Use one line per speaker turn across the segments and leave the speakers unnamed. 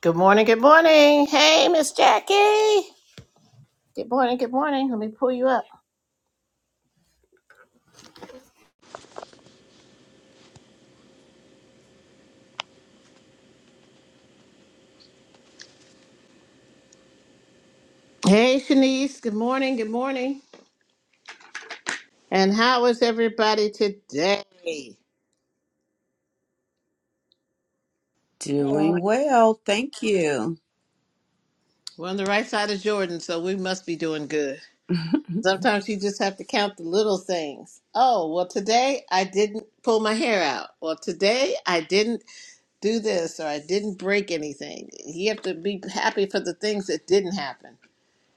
Good morning, good morning. Hey, Miss Jackie. Good morning, good morning. Let me pull you up. Hey, Shanice. Good morning, good morning. And how is everybody today?
Well,
Doing well. Thank you.
We're on the right side of Jordan, so we must be doing good. Sometimes you just have to count the little things. Oh, well, today I didn't pull my hair out. Well, today I didn't do this or I didn't break anything. You have to be happy for the things that didn't happen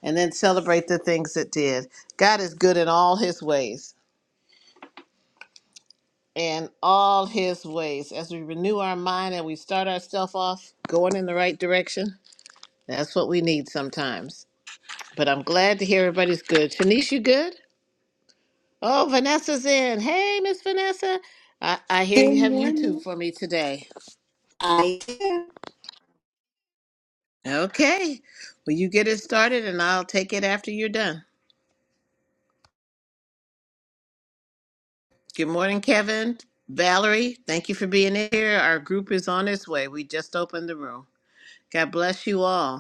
and then celebrate the things that did. God is good in all his ways. and all his ways. As we renew our mind and we start ourselves off going in the right direction, that's what we need sometimes. But I'm glad to hear everybody's good. Shanice, you good? Oh, Vanessa's in. Hey, Miss Vanessa. I, I hear
Good
you have YouTube
morning.
for me today.
I did.
Okay. Well, you get it started and I'll take it after you're done. Good morning, Kevin. Valerie, thank you for being here. Our group is on its way. We just opened the room. God bless you all.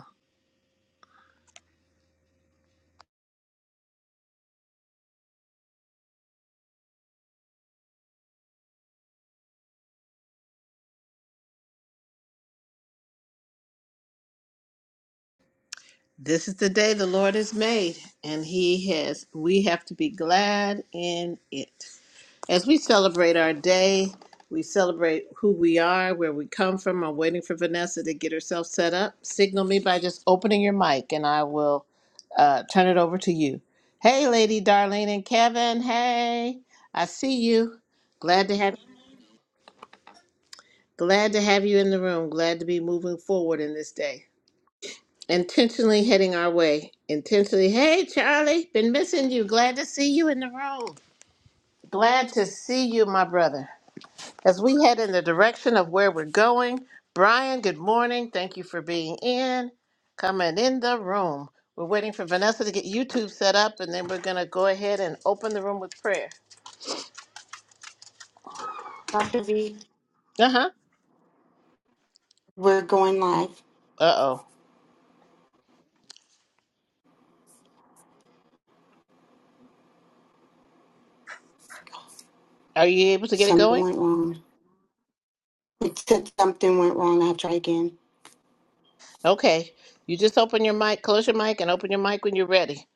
This is the day the Lord has made, and He has, we have to be glad in it. As we celebrate our day, we celebrate who we are, where we come from. I'm waiting for Vanessa to get herself set up. Signal me by just opening your mic, and I will uh, turn it over to you. Hey, Lady Darlene and Kevin. Hey, I see you. Glad to have glad to have you in the room. Glad to be moving forward in this day. intentionally heading our way. Intentionally, hey Charlie, been missing you. Glad to see you in the room. Glad to see you, my brother. As we head in the direction of where we're going, Brian, good morning. Thank you for being in, coming in the room. We're waiting for Vanessa to get YouTube set up, and then we're gonna go ahead and open the room with prayer.
Dr. V,
Uh huh.
we're going live.
Uh oh. Are you able to get it
Something
going?
went wrong. It said something went wrong. I'll try again.
Okay. You just open your mic, close your mic, and open your mic when you're ready.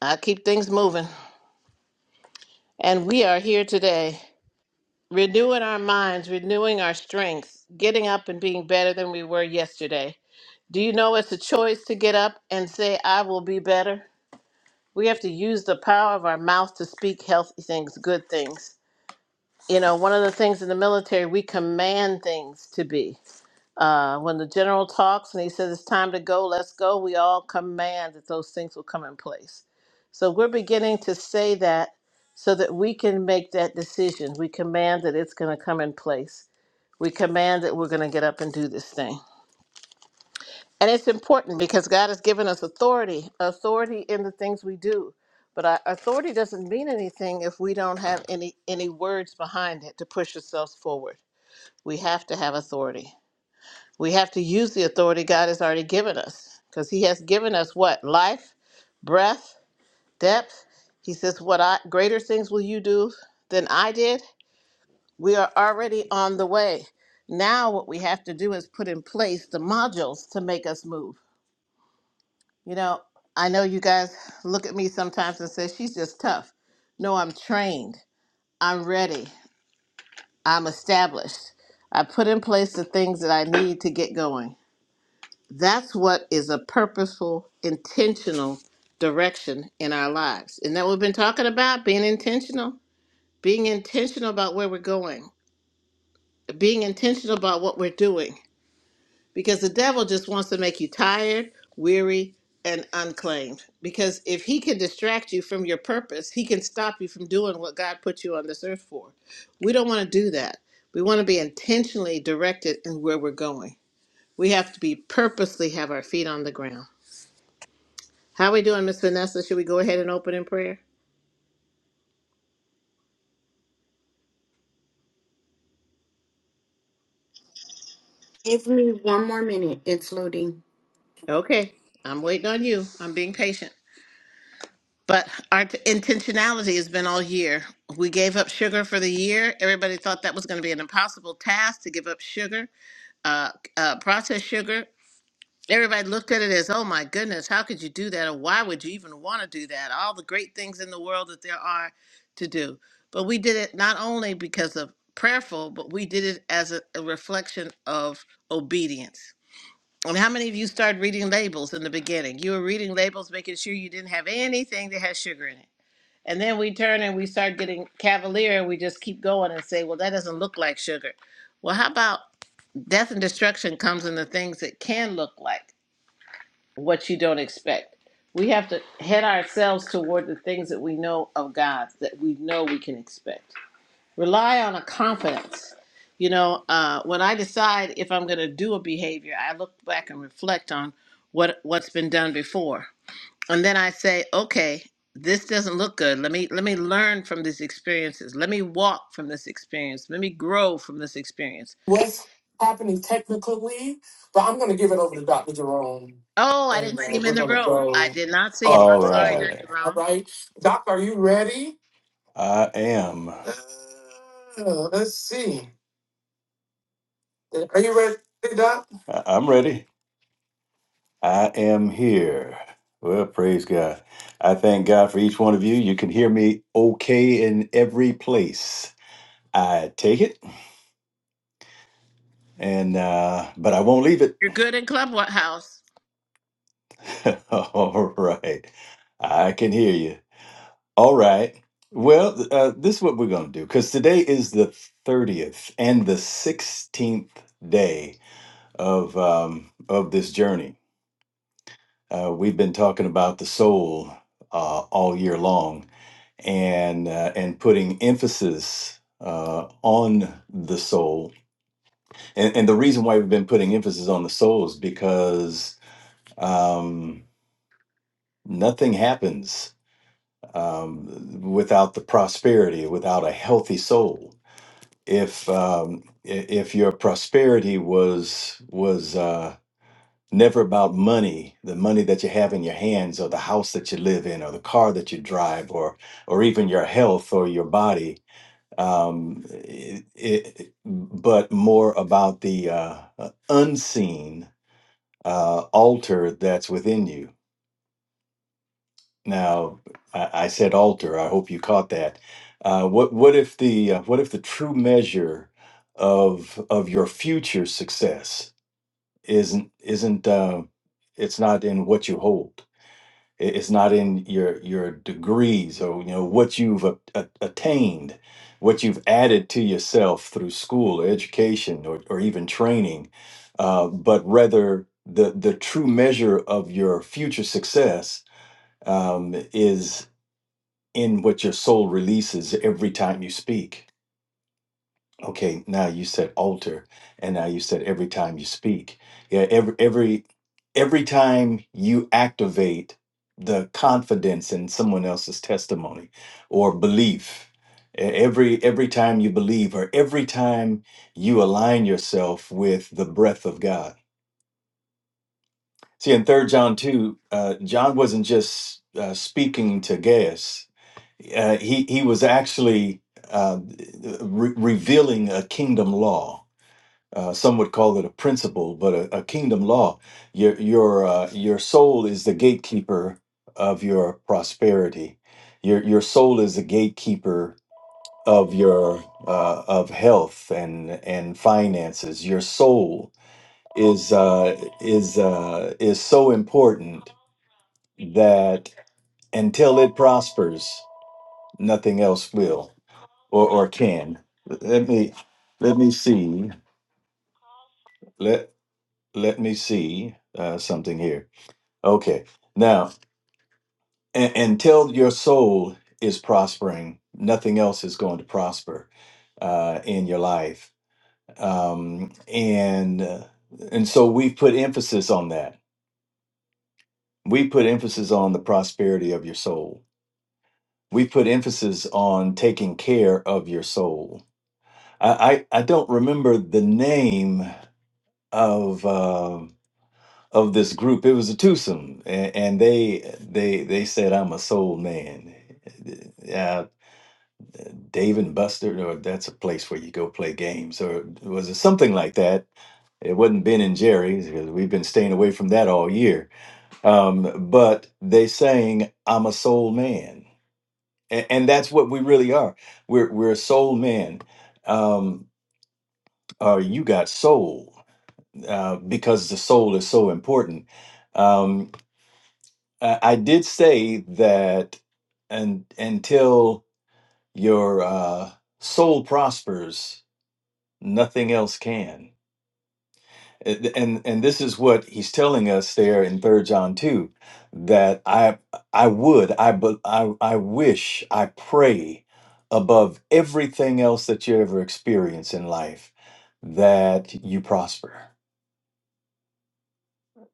I'll keep things moving. And we are here today. renewing our minds, renewing our strength, getting up and being better than we were yesterday. Do you know it's a choice to get up and say, I will be better? We have to use the power of our mouth to speak healthy things, good things. You know, one of the things in the military, we command things to be. Uh, when the general talks and he says it's time to go, let's go, we all command that those things will come in place. So we're beginning to say that so that we can make that decision. We command that it's going to come in place we command that we're going to get up and do this thing. And it's important because God has given us authority, authority in the things we do. But our authority doesn't mean anything if we don't have any any words behind it to push ourselves forward. We have to have authority. We have to use the authority God has already given us because he has given us what? Life, breath, depth. He says, "What I greater things will you do than I did?" We are already on the way. Now, what we have to do is put in place the modules to make us move. You know, I know you guys look at me sometimes and say, she's just tough. No, I'm trained. I'm ready. I'm established. I put in place the things that I need to get going. That's what is a purposeful, intentional direction in our lives. And that what we've been talking about being intentional, being intentional about where we're going, being intentional about what we're doing because the devil just wants to make you tired, weary, and unclaimed. Because if he can distract you from your purpose, he can stop you from doing what God put you on this earth for. We don't want to do that. We want to be intentionally directed in where we're going. We have to be purposely have our feet on the ground. How are we doing, Miss Vanessa? Should we go ahead and open in prayer?
Give me one more minute. It's loading.
Okay, I'm waiting on you. I'm being patient. But our t- intentionality has been all year. We gave up sugar for the year. Everybody thought that was going to be an impossible task to give up sugar, uh, uh, processed sugar. Everybody looked at it as, oh my goodness, how could you do that? Or why would you even want to do that? All the great things in the world that there are to do. But we did it not only because of prayerful, but we did it as a, a reflection of obedience. And how many of you started reading labels in the beginning? You were reading labels, making sure you didn't have anything that had sugar in it and then we turn and we start getting cavalier and we just keep going and say, well, that doesn't look like sugar. Well, how about death and destruction comes in the things that can look like what you don't expect? We have to head ourselves toward the things that we know of God that we know we can expect. Rely on a confidence. You know, uh, when I decide if I'm going to do a behavior, I look back and reflect on what what's been done before and then I say, okay, this doesn't look good. Let me let me learn from these experiences. Let me walk from this experience. Let me grow from this experience.
what's happening technically, but I'm going to give it over to Dr. Jerome.
Oh,
And
I didn't see
we're
him in
going
the room. I
go
did not see him.
All
I'm
right.
sorry, Dr.
All
Brown.
right. Doc, are you ready? I am. Uh, let's see. Are you ready, Doc? I- I'm ready. I am here. Well, praise God. I thank God for each one of you. You can hear me okay in every place. I take it, and uh, but I won't leave it.
You're good in Clubhouse.
All right. I can hear you. All right. Well, th- uh, this is what we're going to do because today is the 30th and the 16th day of, um, of this journey. Uh, we've been talking about the soul uh, all year long and, uh, and putting emphasis uh, on the soul. And, and the reason why we've been putting emphasis on the soul is because um, nothing happens um, without the prosperity, without a healthy soul. If um, i- if your prosperity was was uh, never about money, the money that you have in your hands, or the house that you live in, or the car that you drive, or or even your health or your body, um, it, it, but more about the uh, uh, unseen uh, altar that's within you Now, I, I said altar. I hope you caught that. Uh, what what if the uh, what if the true measure of of your future success isn't isn't uh, it's not in what you hold. It- It's not in your your degrees or you know what you've a, a- attained, what you've added to yourself through school or education or, or even training, uh, but rather the the true measure of your future success um, is in what your soul releases every time you speak. Okay, now you said altar, and now you said every time you speak. Yeah, every every every time you activate the confidence in someone else's testimony or belief. e- Every every time you believe, or every time you align yourself with the breath of God. See, in Third John two, uh, John wasn't just uh, speaking to Gaius; Uh, he he was actually uh, re- revealing a kingdom law. Uh, some would call it a principle, but a, a kingdom law. Your your uh, your soul is the gatekeeper of your prosperity. Your your soul is the gatekeeper of your uh, of health and and finances. Your soul is uh, is uh, is so important that until it prospers, nothing else will or or can. Let me let me see. Let let me see uh, something here. Okay, now and, until your soul is prospering, nothing else is going to prosper uh, in your life. Um, and uh, and so we put emphasis on that. We put emphasis on the prosperity of your soul. We put emphasis on taking care of your soul. I, I, I don't remember the name of. Uh, of this group. It was a twosome, and, and they they they said, "I'm a soul man." Uh, Dave and Buster, or that's a place where you go play games, or was it something like that? It wasn't Ben and Jerry's because we've been staying away from that all year. Um, but they sang, "I'm a soul man," and, and that's what we really are. We're we're a soul man. Um, or you got soul uh, because the soul is so important. Um, I I did say that and until your uh, soul prospers, nothing else can. And, and and this is what he's telling us there in Third John two, that I I would I bu- I I wish I pray above everything else that you ever experience in life that you prosper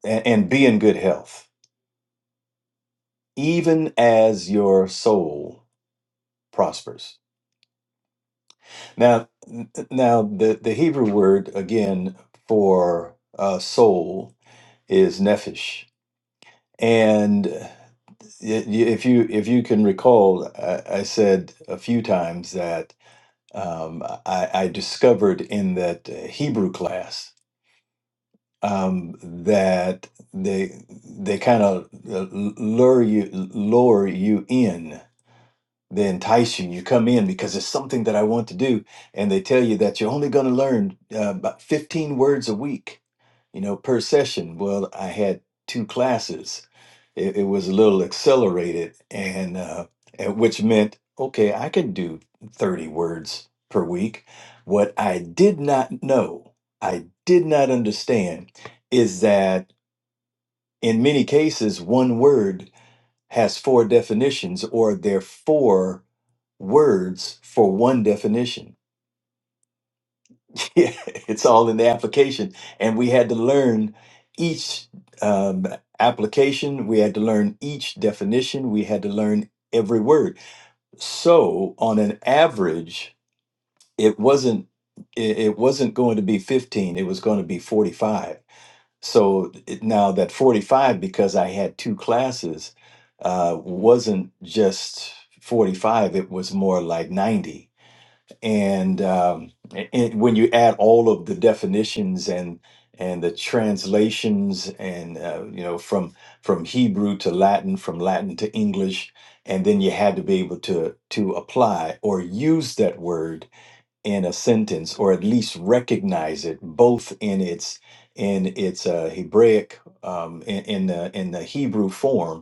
and, and be in good health, even as your soul prospers Now, n- now the, the Hebrew word again for uh, soul is nefesh, and i- i- if you if you can recall, I, I said a few times that um, I, I discovered in that uh, Hebrew class um, that they they kind of lure you lure you in they entice you. You come in because it's something that I want to do, and they tell you that you're only going to learn uh, about 15 words a week, you know, per session. Well, I had two classes. It, it was a little accelerated, and, uh, and which meant okay, I can do 30 words per week. What I did not know, I did not understand, is that in many cases, one word has four definitions, or there are four words for one definition. it's all in the application. And we had to learn each um, application, we had to learn each definition, we had to learn every word. So, on an average, it wasn't it it wasn't going to be 15 it was going to be 45 so it- now that 45 because i had two classes uh, wasn't just 45 it was more like 90 and um, a- and when you add all of the definitions and and the translations and uh, you know from from Hebrew to Latin, from Latin to English, and then you had to be able to to apply or use that word in a sentence or at least recognize it both in its in its uh, Hebraic um, in in the, in the Hebrew form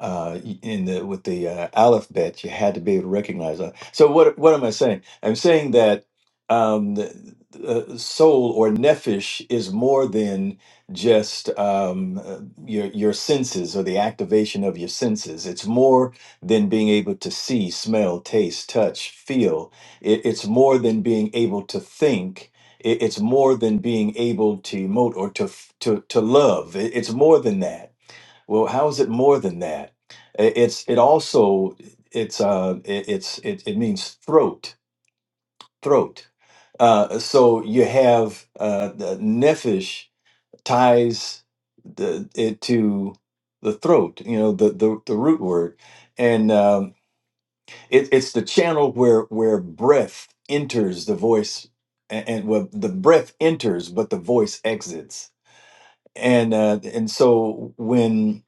uh, in the with the uh, alphabet, you had to be able to recognize that. So what what am I saying? I'm saying that um, the, the uh, soul or nephesh is more than just um, uh, your your senses or the activation of your senses. It's more than being able to see, smell, taste, touch, feel. It, it's more than being able to think. It, it's more than being able to emote or to f- to to love. It, it's more than that well, how is it more than that? I- It's it also it's uh it, it's it, it means throat throat. Uh, so you have uh, the nephesh ties the, it to the throat. You know the the, the root word, and um, it, it's the channel where where breath enters the voice, and, and well, the breath enters, but the voice exits. And uh, and so when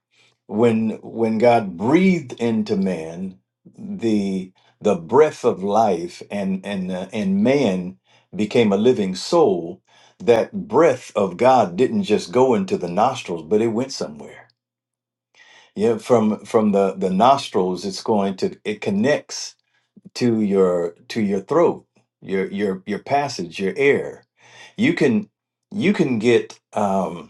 when when God breathed into man the the breath of life and and uh, and man became a living soul that breath of God didn't just go into the nostrils but it went somewhere yeah from from the the nostrils it's going to it connects to your to your throat your your your passage your air you can you can get um.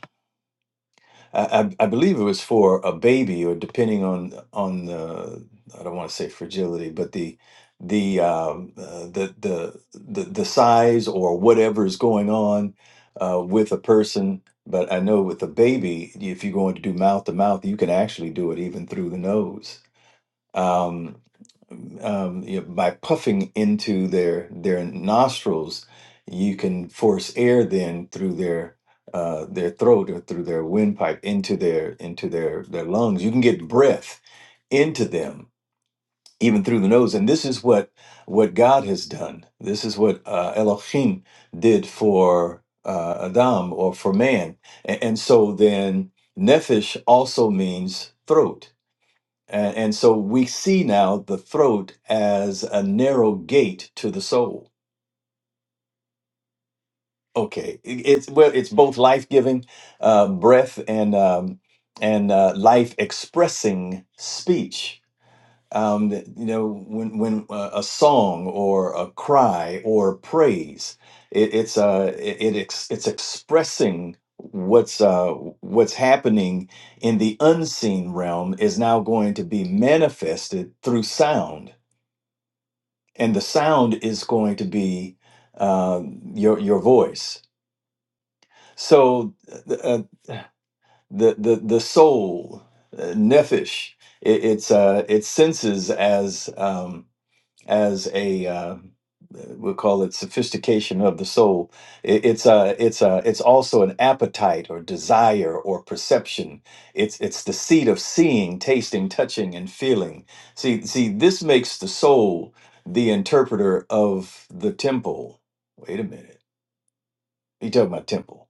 I, I I believe it was for a baby, or depending on on the I don't want to say fragility, but the the um, uh, the, the the the size or whatever is going on uh, with a person. But I know with a baby, if you're going to do mouth to mouth, you can actually do it even through the nose. Um, um, you know, by puffing into their their nostrils, you can force air then through their uh, their throat or through their windpipe into their into their their lungs. You can get breath into them even through the nose, and this is what what God has done. This is what uh, Elohim did for uh, Adam or for man, and, and so then nephesh also means throat and, and so we see now the throat as a narrow gate to the soul. Okay, it- it's well, it's both life-giving uh, breath and um, and uh, life-expressing speech. Um, that, you know, when when uh, a song or a cry or praise, it, it's uh, it, it ex- it's expressing what's uh, what's happening in the unseen realm is now going to be manifested through sound and the sound is going to be um, your your voice. So uh, uh, the the the soul, uh, nephesh, it, it's uh, it senses as. Um, as a uh, we'll call it sophistication of the soul. It, it's a it's a it's also an appetite or desire or perception. It's it's the seat of seeing, tasting, touching, and feeling. See see this makes the soul the interpreter of the temple. Wait a minute, you talking about temple?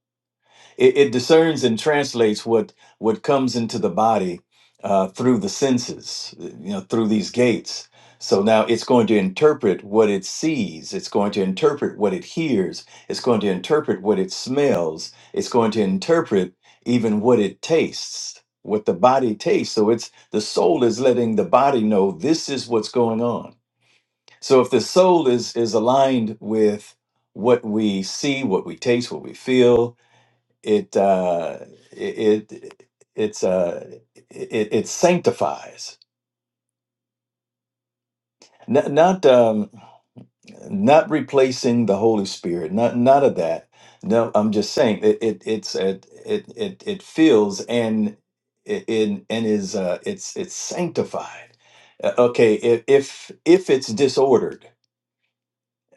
it, it discerns and translates what what comes into the body uh, through the senses you know through these gates so now it's going to interpret what it sees it's going to interpret what it hears it's going to interpret what it smells it's going to interpret even what it tastes what the body tastes so it's the soul is letting the body know this is what's going on so if the soul is is aligned with what we see what we taste what we feel it uh it, it it's uh it, it sanctifies not not um not replacing the holy spirit not none of that no i'm just saying it, it it's it it it, it feels and it, it and is uh it's it's sanctified Uh, okay if if if it's disordered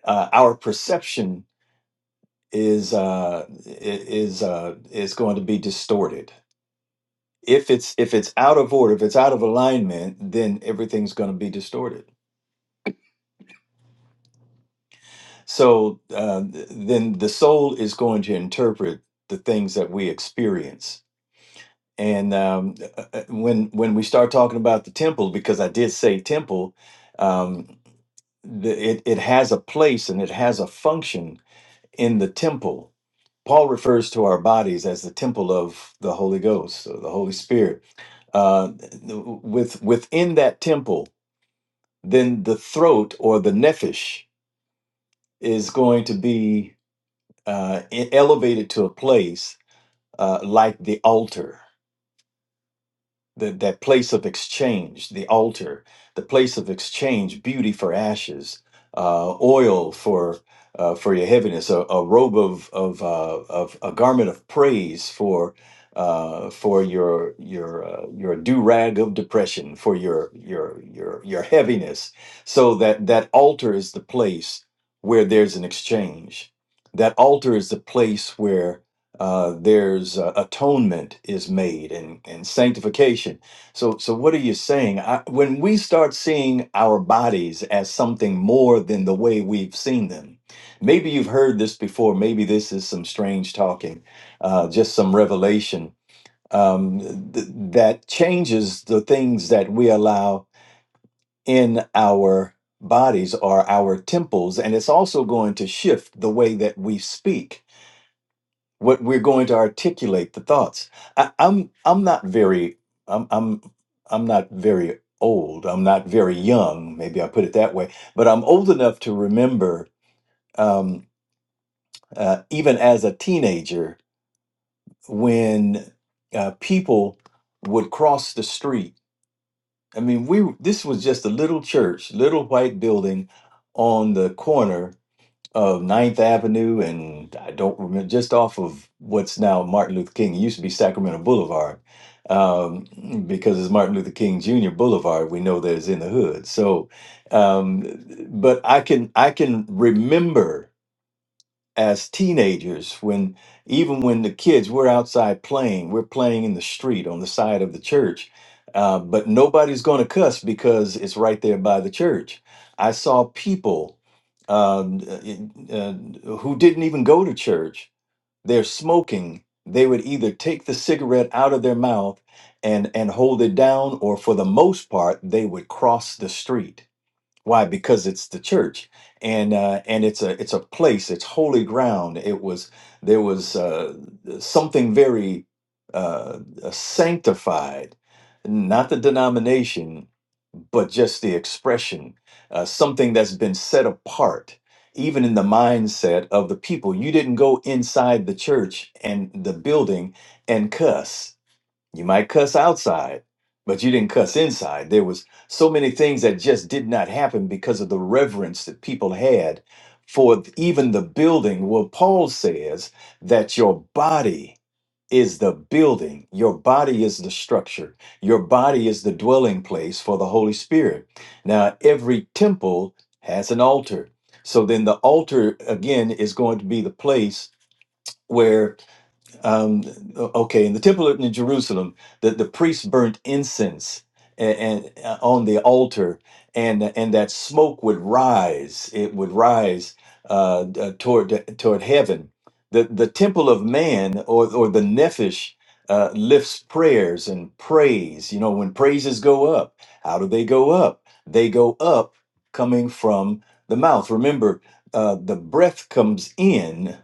uh, our perception is uh i- is uh is going to be distorted if it's if it's out of order if it's out of alignment then everything's going to be distorted so uh, th- then the soul is going to interpret the things that we experience and um, uh, uh, when when we start talking about the temple because i did say temple um, the, it, it has a place and it has a function in the temple paul refers to our bodies as the temple of the holy ghost or the holy spirit uh, th- with within that temple then the throat or the nephesh is going to be uh, e- elevated to a place uh, like the altar. the, that place of exchange, the altar, the place of exchange, beauty for ashes, uh, oil for uh, for your heaviness, a, a robe of of, uh, of a garment of praise for uh, for your your uh, your do rag of depression, for your your your your heaviness. So that that altar is the place where there's an exchange. That altar is the place where uh, there's uh, atonement is made and, and sanctification. So, so what are you saying? I, when we start seeing our bodies as something more than the way we've seen them, maybe you've heard this before. Maybe this is some strange talking, uh, just some revelation um, th- that changes the things that we allow in our bodies or our temples, and it's also going to shift the way that we speak what we're going to articulate the thoughts. I, I'm I'm not very I'm I'm I'm not very old. I'm not very young. Maybe I put it that way. But I'm old enough to remember, um, uh, even as a teenager, when uh, people would cross the street. I mean, we this was just a little church, little white building on the corner of Ninth Avenue, and I don't remember just off of what's now Martin Luther King. It used to be Sacramento Boulevard, um, because it's Martin Luther King Jr. Boulevard. We know that it's in the hood. So, um, but I can I can remember as teenagers when even when the kids we're outside playing we're playing in the street on the side of the church uh, but nobody's going to cuss because it's right there by the church i saw people um, uh, uh, who didn't even go to church they're smoking they would either take the cigarette out of their mouth and and hold it down or for the most part they would cross the street why? Because it's the church, and uh, and it's a it's a place. It's holy ground. It was there was uh, something very uh, sanctified, not the denomination, but just the expression, uh, something that's been set apart, even in the mindset of the people. You didn't go inside the church and the building and cuss you might cuss outside, but you didn't cuss inside. There was so many things that just did not happen because of the reverence that people had for even the building. Well, Paul says that your body is the building, your body is the structure, your body is the dwelling place for the Holy Spirit. Now, every temple has an altar. So then the altar again is going to be the place where um, okay, in the temple in Jerusalem, the, the priests burnt incense and, and uh, on the altar, and and that smoke would rise. It would rise uh, uh, toward toward heaven. The the temple of man, or or the nephesh, uh, lifts prayers and praise. You know, when praises go up, how do they go up? They go up coming from the mouth. Remember, uh, the breath comes in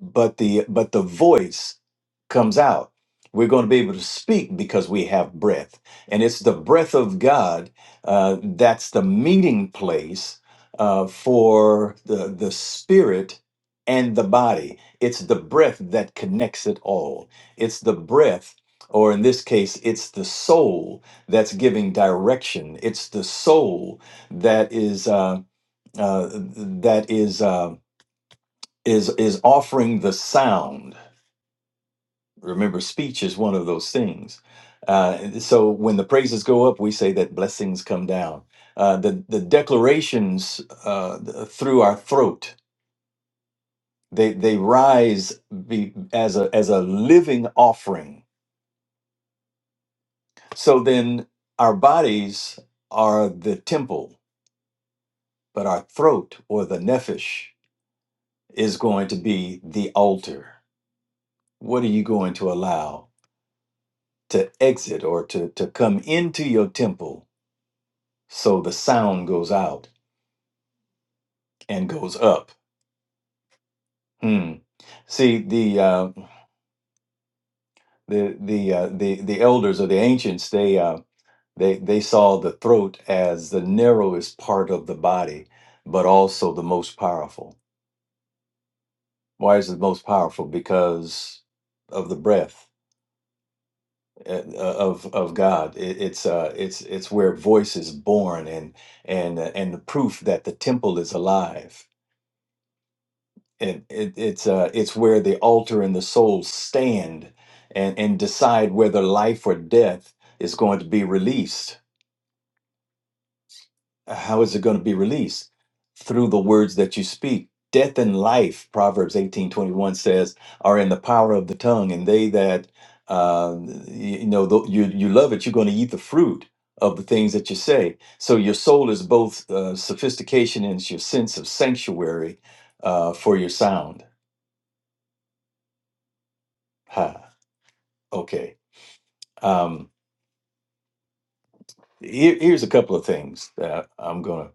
but the but the voice comes out we're going to be able to speak because we have breath and it's the breath of god uh, that's the meeting place uh, for the the spirit and the body it's the breath that connects it all it's the breath or in this case it's the soul that's giving direction it's the soul that is uh, uh, that is uh, is is offering the sound Remember, speech is one of those things. Uh, so when the praises go up, we say that blessings come down. Uh, the the declarations uh, th- through our throat they they rise be, as a as a living offering. So then our bodies are the temple, but our throat or the nephesh is going to be the altar. What are you going to allow to exit or to to come into your temple? so the sound goes out and goes up. Hmm. See the uh, the the uh, the the elders or the ancients they uh, they they saw the throat as the narrowest part of the body, but also the most powerful. Why is it the most powerful? Because of the breath eh, uh, of of God. It, it's uh it's it's where voice is born and and uh, and the proof that the temple is alive it, it it's uh it's where the altar and the soul stand and and decide whether life or death is going to be released how is it going to be released through the words that you speak death and life proverbs eighteen twenty one says are in the power of the tongue and they that uh, you, you know tho- you you love it you're going to eat the fruit of the things that you say so your soul is both uh, sophistication and it's your sense of sanctuary uh, for your sound ha okay Um, here, here's a couple of things that I'm gonna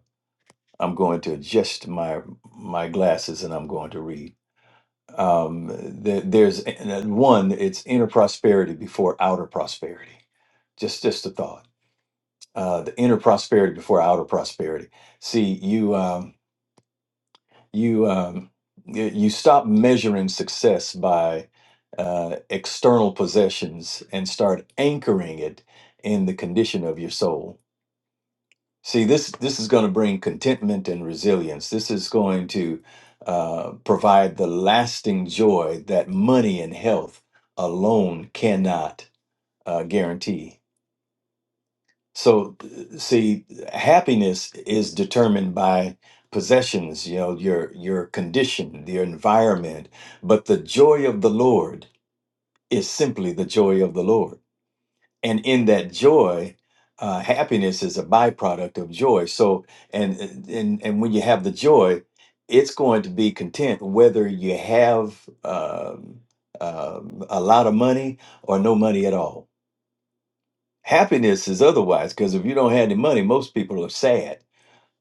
I'm going to adjust my my glasses and I'm going to read. Um, there, there's one. It's inner prosperity before outer prosperity. Just just a thought. Uh, the inner prosperity before outer prosperity. See you um, you um, y- you stop measuring success by uh, external possessions and start anchoring it in the condition of your soul See, this this is going to bring contentment and resilience. This is going to uh, provide the lasting joy that money and health alone cannot uh, guarantee. So, th- see, happiness is determined by possessions. You know, your your condition, your environment, but the joy of the Lord is simply the joy of the Lord and in that joy uh, happiness is a byproduct of joy so and and and when you have the joy it's going to be content whether you have um, um, a lot of money or no money at all happiness is otherwise because if you don't have any money most people are sad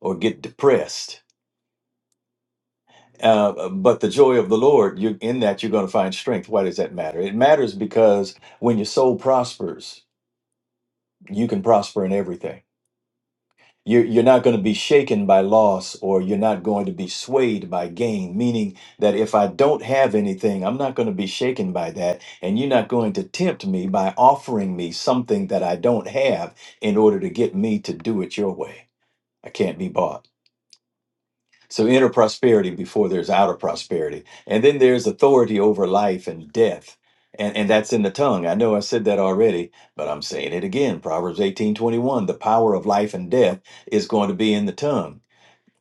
or get depressed uh, but the joy of the lord you in that you're going to find strength why does that matter it matters because when your soul prospers you can prosper in everything You're, you're not going to be shaken by loss or you're not going to be swayed by gain, meaning that if I don't have anything, I'm not going to be shaken by that. And you're not going to tempt me by offering me something that I don't have in order to get me to do it your way. I can't be bought. So inner prosperity before there's outer prosperity. And then there's authority over life and death. And, and that's in the tongue. I know I said that already, but I'm saying it again. Proverbs 18:21, the power of life and death is going to be in the tongue.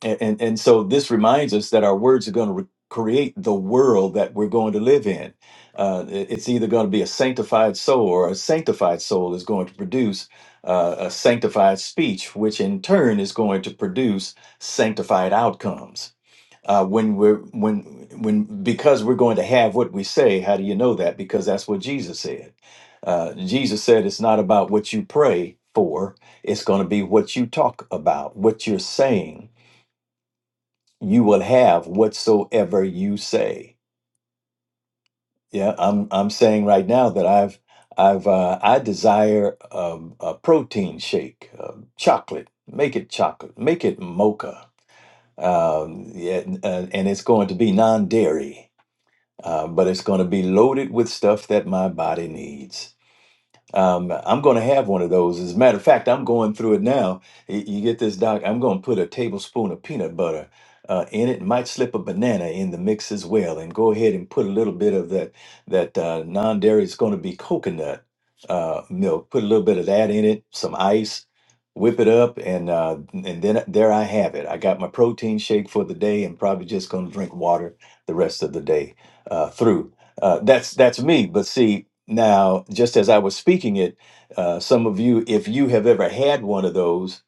And, and and so this reminds us that our words are going to re- create the world that we're going to live in. Uh, it- it's either going to be a sanctified soul, or a sanctified soul is going to produce uh, a sanctified speech, which in turn is going to produce sanctified outcomes. Uh, when we're when when because we're going to have what we say. How do you know that? Because that's what Jesus said. Uh, Jesus said it's not about what you pray for; it's going to be what you talk about, what you're saying you will have whatsoever you say. Yeah, I'm I'm saying right now that I've I've uh, I desire um, a protein shake, uh, chocolate. Make it chocolate. Make it mocha. Um, yeah, and, uh, and it's going to be non-dairy, uh, but it's going to be loaded with stuff that my body needs Um, I'm going to have one of those. As a matter of fact, I'm going through it now. Y- You get this, Doc? I'm going to put a tablespoon of peanut butter uh, in it. Might slip a banana in the mix as well, and go ahead and put a little bit of that that uh, non-dairy. It's going to be coconut uh, milk. Put a little bit of that in it. Some ice. Whip it up, and uh, and then there I have it. I got my protein shake for the day, and probably just going to drink water the rest of the day uh, through. Uh, that's that's me. But see, now, just as I was speaking it, uh, some of you, if you have ever had one of those,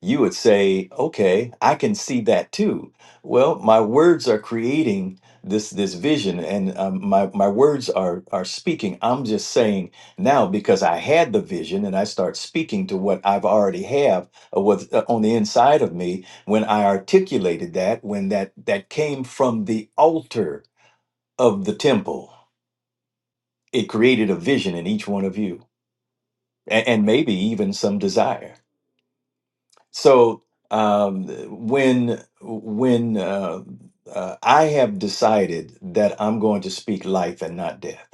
you would say, "Okay, I can see that too." Well, my words are creating this this vision, and um, my my words are are speaking. I'm just saying now because I had the vision, and I start speaking to what I've already have uh, what's uh, on the inside of me. When I articulated that, when that that came from the altar of the temple, it created a vision in each one of you. and, and maybe even some desire. So um, when when uh, uh, I have decided that I'm going to speak life and not death.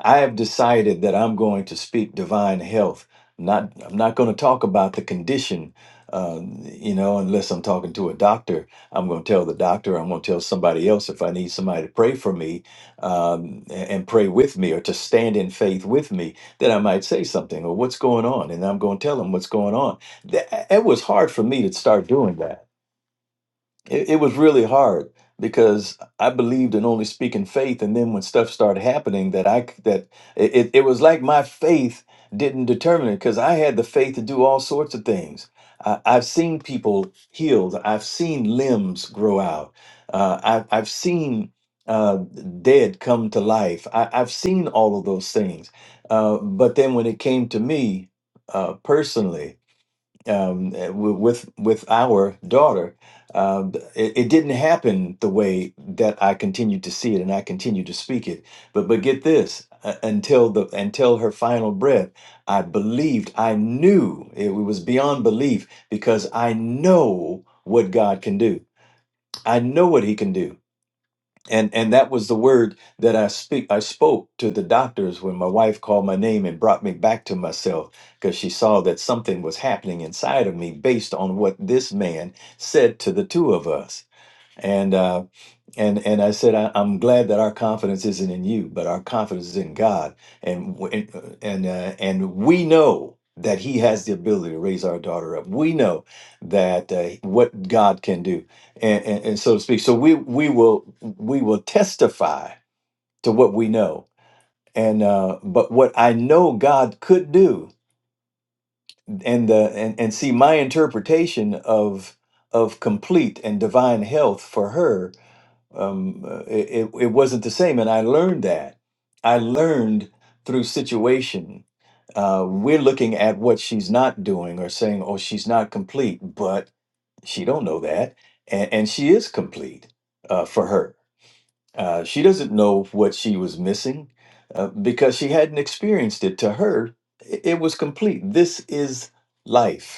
I have decided that I'm going to speak divine health. I'm Not, I'm not going to talk about the condition, uh, you know, unless I'm talking to a doctor. I'm going to tell the doctor. I'm going to tell somebody else if I need somebody to pray for me um, a- and pray with me or to stand in faith with me. Then I might say something or what's going on, and I'm going to tell them what's going on. That, it was hard for me to start doing that it, it was really hard because I believed in only speaking faith, and then when stuff started happening, that I c- that it, it it was like my faith didn't determine it because I had the faith to do all sorts of things. I, I've seen people healed. I've seen limbs grow out. Uh, I've I've seen uh, dead come to life. I, I've seen all of those things. Uh, but then when it came to me uh, personally, um, w- with with our daughter, um, it, it didn't happen the way that I continued to see it, and I continued to speak it. But but get this: uh, until the until her final breath, I believed. I knew it was beyond belief because I know what God can do. I know what He can do and and that was the word that I speak I spoke to the doctors when my wife called my name and brought me back to myself because she saw that something was happening inside of me based on what this man said to the two of us and. uh, and and I said, I, I'm glad that our confidence isn't in you, but our confidence is in God, and w- and uh, and, uh, we know that He has the ability to raise our daughter up. We know that uh, what God can do, and, and and so to speak. So we we will we will testify to what we know, and uh, but what I know God could do, and the and and see my interpretation of of complete and divine health for her um, uh, it, it wasn't the same. And I learned that. I learned through situation. Uh, we're looking at what she's not doing or saying, oh, she's not complete, but she don't know that. And, and she is complete uh, for her. Uh, she doesn't know what she was missing uh, because she hadn't experienced it. To her, i- it was complete. This is life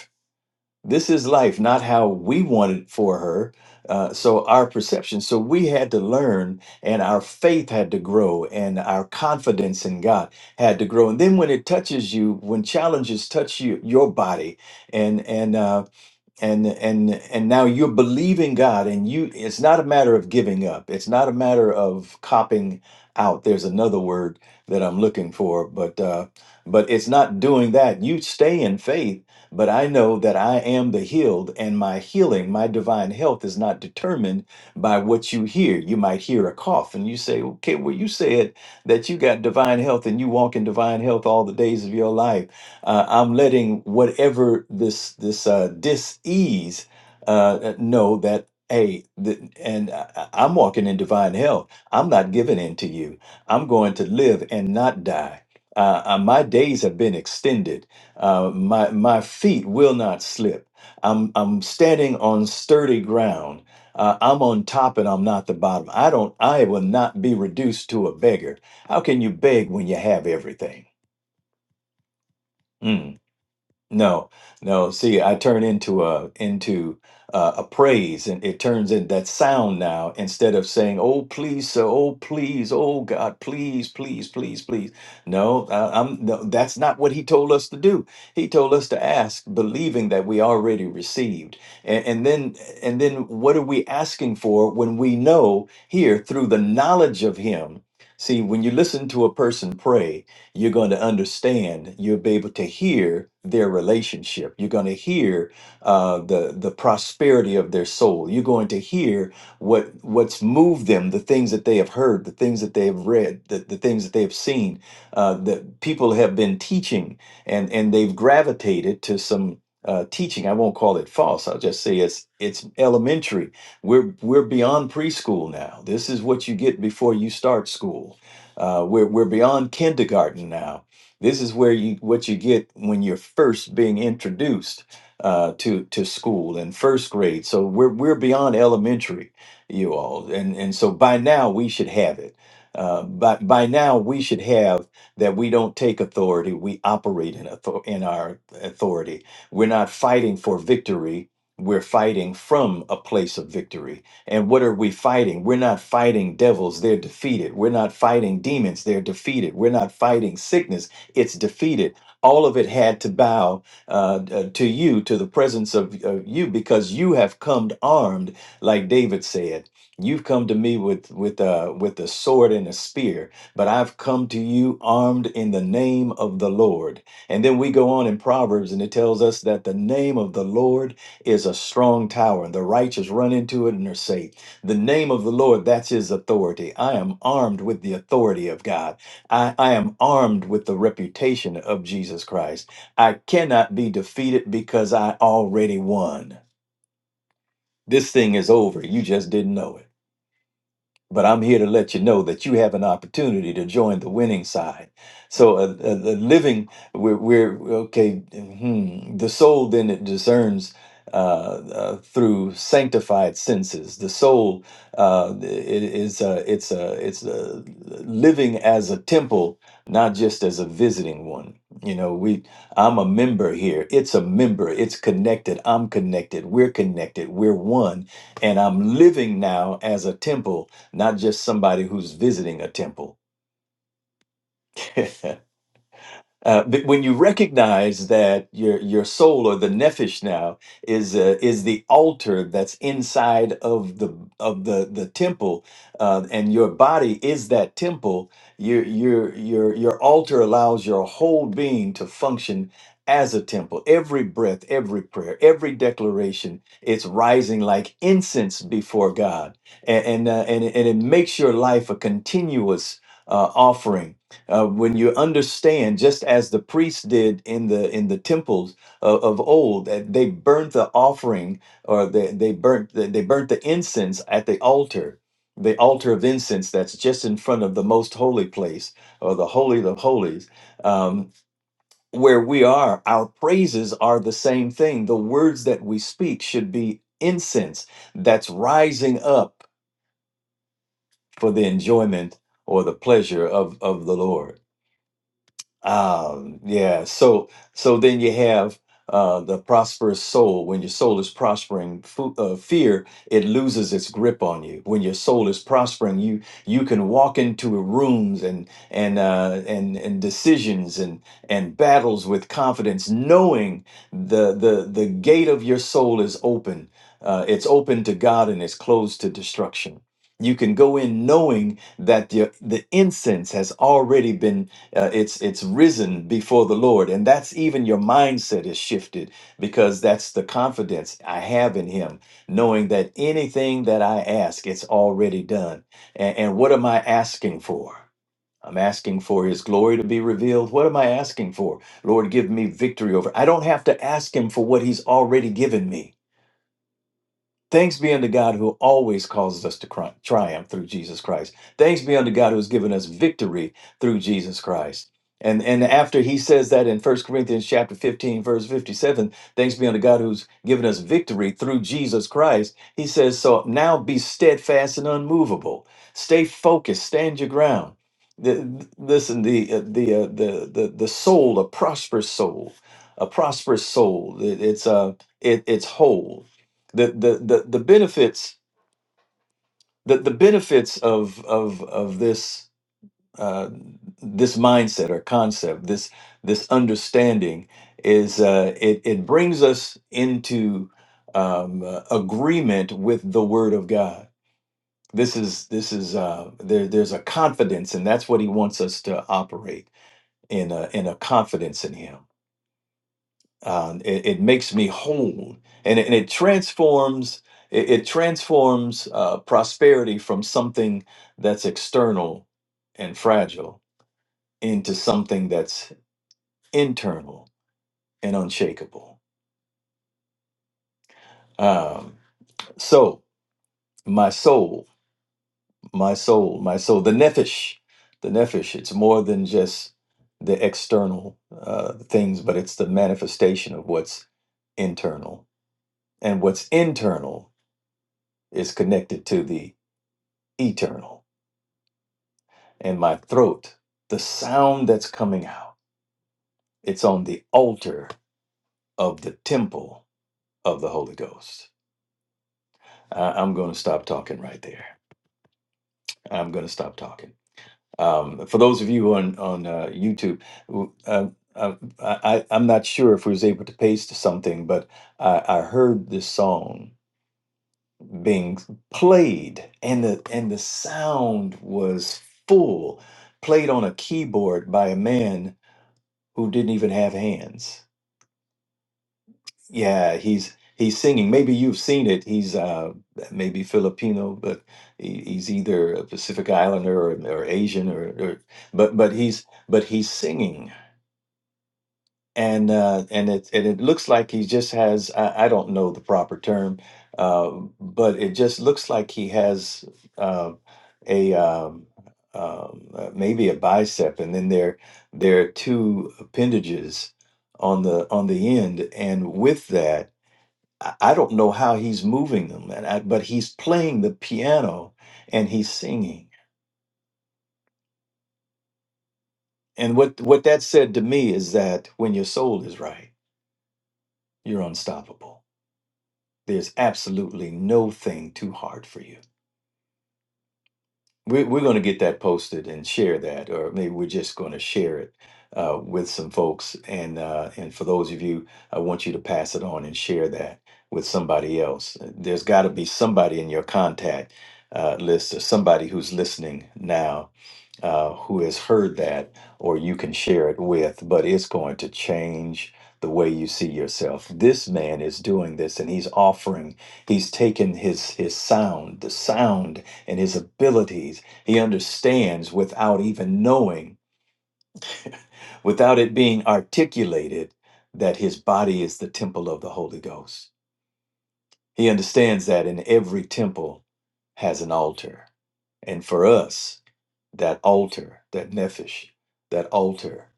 this is life, not how we want it for her. Uh, so our perception. So we had to learn, and our faith had to grow, and our confidence in God had to grow. And then when it touches you, when challenges touch you, your body, and and uh, and and and now you're believing God and you it's not a matter of giving up it's not a matter of copping out there's another word that I'm looking for but uh but it's not doing that you stay in faith but I know that I am the healed and my healing my divine health is not determined by what you hear you might hear a cough and you say okay well you said that you got divine health and you walk in divine health all the days of your life uh, I'm letting whatever this this uh, dis-ease uh, know that hey, th- and I, I- I'm walking in divine health. I'm not giving in to you. I'm going to live and not die. Uh, uh, my days have been extended. Uh, my my feet will not slip. I'm I'm standing on sturdy ground. Uh, I'm on top and I'm not the bottom. I don't. I will not be reduced to a beggar. How can you beg when you have everything? Mm. No, no. See, I turn into a into uh, a praise, and it turns in that sound now. Instead of saying, "Oh please, sir," "Oh please," "Oh God, please, please, please, please." No, I, I'm. No, that's not what He told us to do. He told us to ask, believing that we already received, and, and then and then what are we asking for when we know here through the knowledge of Him? See, when you listen to a person pray you're going to understand you'll be able to hear their relationship you're going to hear uh, the the prosperity of their soul you're going to hear what what's moved them the things that they have heard the things that they have read the, the things that they have seen uh, that people have been teaching and and they've gravitated to some uh, teaching i won't call it false i'll just say it's it's elementary we're we're beyond preschool now this is what you get before you start school uh, we're we're beyond kindergarten now. This is where you what you get when you're first being introduced uh, to to school in first grade. So we're we're beyond elementary, you all, and and so by now we should have it. Uh, by by now we should have that we don't take authority. We operate in author- in our authority. We're not fighting for victory. We're fighting from a place of victory and what are we fighting? We're not fighting devils, they're defeated. We're not fighting demons, they're defeated. We're not fighting sickness, it's defeated. All of it had to bow uh, uh, to you, to the presence of, of you, because you have come armed, like David said. You've come to me with with uh, with a sword and a spear, but I've come to you armed in the name of the Lord. And then we go on in Proverbs, and it tells us that the name of the Lord is a strong tower, and the righteous run into it and are safe. The name of the Lord, that's his authority. I am armed with the authority of God. I, I am armed with the reputation of Jesus Christ. I cannot be defeated because I already won. This thing is over. You just didn't know it but I'm here to let you know that you have an opportunity to join the winning side. So, a, a, a living, we're, we're okay. Hmm, the soul then it discerns uh, uh, through sanctified senses. The soul uh, i- is a, it's a, it's a living as a temple, not just as a visiting one. You know, we I'm a member here. It's a member. It's connected. I'm connected. We're connected. We're one, and I'm living now as a temple not just somebody who's visiting a temple. Uh, but when you recognize that your your soul or the nefesh now is uh, is the altar that's inside of the of the the temple, uh, and your body is that temple, your your your your altar allows your whole being to function as a temple. Every breath, every prayer, every declaration, it's rising like incense before God, and and uh, and, it- and it makes your life a continuous uh, offering uh, when you understand just as the priests did in the in the temples of, of old that they burnt the offering or they, they burnt the, they burnt the incense at the altar the altar of incense that's just in front of the most holy place or the holy of holies um, where we are our praises are the same thing the words that we speak should be incense that's rising up for the enjoyment or the pleasure of of the lord Um, yeah. So so then you have uh, the prosperous soul. When your soul is prospering, fu- uh, fear it loses its grip on you. When your soul is prospering, you you can walk into rooms and and uh, and and decisions and and battles with confidence, knowing the the the gate of your soul is open. Uh, it's open to God and it's closed to destruction. You can go in knowing that the, the incense has already been uh, it's it's risen before the Lord, and that's even your mindset is shifted because that's the confidence I have in Him, knowing that anything that I ask, it's already done. And, and what am I asking for? I'm asking for His glory to be revealed. What am I asking for? Lord, give me victory over. I don't have to ask Him for what He's already given me. Thanks be unto God who always causes us to cri- triumph through Jesus Christ. Thanks be unto God who has given us victory through Jesus Christ. And and after he says that in First Corinthians chapter 15 verse 57, thanks be unto God who's given us victory through Jesus Christ. He says, "So now be steadfast and unmovable. Stay focused, stand your ground." The, listen, the uh, the, uh, the the the soul, a prosperous soul, a prosperous soul. It- it's uh it, it's whole the the the, the benefits the, the benefits of of of this uh, this mindset or concept this this understanding is uh, it it brings us into um, uh, agreement with the Word of God. This is this is uh, there. There's a confidence, and that's what He wants us to operate in a in a confidence in Him uh, it, it makes me whole and it, and it transforms it, it transforms uh, prosperity from something that's external and fragile into something that's internal and unshakable um, so my soul my soul my soul the nephesh the nephesh it's more than just the external uh, things but it's the manifestation of what's internal and what's internal is connected to the eternal. And my throat, the sound that's coming out, it's on the altar of the temple of the Holy Ghost. I- I'm going to stop talking right there. I'm going to stop talking. Um, for those of you on on uh, YouTube, w- um, um, I, I, I'm not sure if we was able to paste something, but I, I heard this song being played, and the and the sound was full, played on a keyboard by a man who didn't even have hands. Yeah, he's he's singing. Maybe you've seen it. He's uh, maybe Filipino, but he, he's either a Pacific Islander or, or Asian, or, or but but he's but he's singing and uh, and it and it looks like he just has I, I don't know the proper term, uh, but it just looks like he has uh, a um, um, uh, maybe a bicep, and then there there are two appendages on the on the end, and with that I, I don't know how he's moving them, and I, but he's playing the piano and he's singing, and what what that said to me is that when your soul is right, you're unstoppable There's absolutely no thing too hard for you. We're, we're going to get that posted and share that, or maybe we're just going to share it uh, with some folks. And uh, and for those of you, I want you to pass it on and share that with somebody else. There's got to be somebody in your contact uh, list or somebody who's listening now uh, who has heard that, or you can share it with. But it's going to change the way you see yourself. This man is doing this, and he's offering. He's taken his his sound, the sound and his abilities. He understands without even knowing, without it being articulated, that his body is the temple of the Holy Ghost. He understands that in every temple has an altar. And for us, that altar, that nephesh, that altar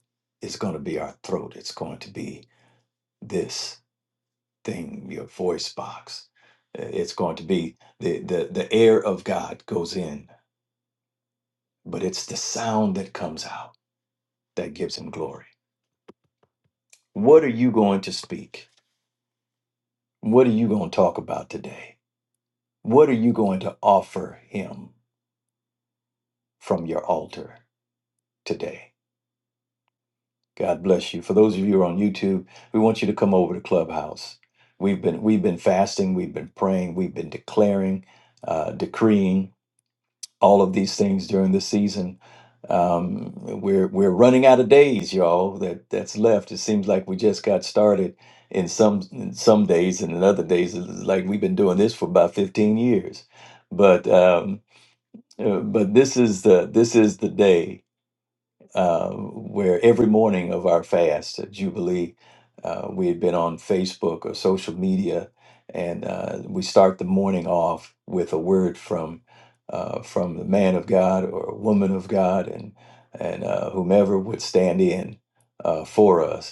is going to be our throat. It's going to be this thing, your voice box. Uh, It's going to be the, the, the air of God goes in, but it's the sound that comes out that gives him glory. What are you going to speak? What are you going to talk about today? What are you going to offer him from your altar today? God bless you. For those of you who are on YouTube, we want you to come over to Clubhouse. We've been we've been fasting, we've been praying, we've been declaring, uh, decreeing, all of these things during this season. Um, we're we're running out of days, y'all. That that's left. It seems like we just got started in some in some days, and in other days, it's like we've been doing this for about fifteen years. But um, uh, but this is the this is the day uh, where every morning of our fast at Jubilee, uh, we had been on Facebook or social media, and uh, we start the morning off with a word from uh, from the man of God or a woman of God, and and uh, whomever would stand in uh, for us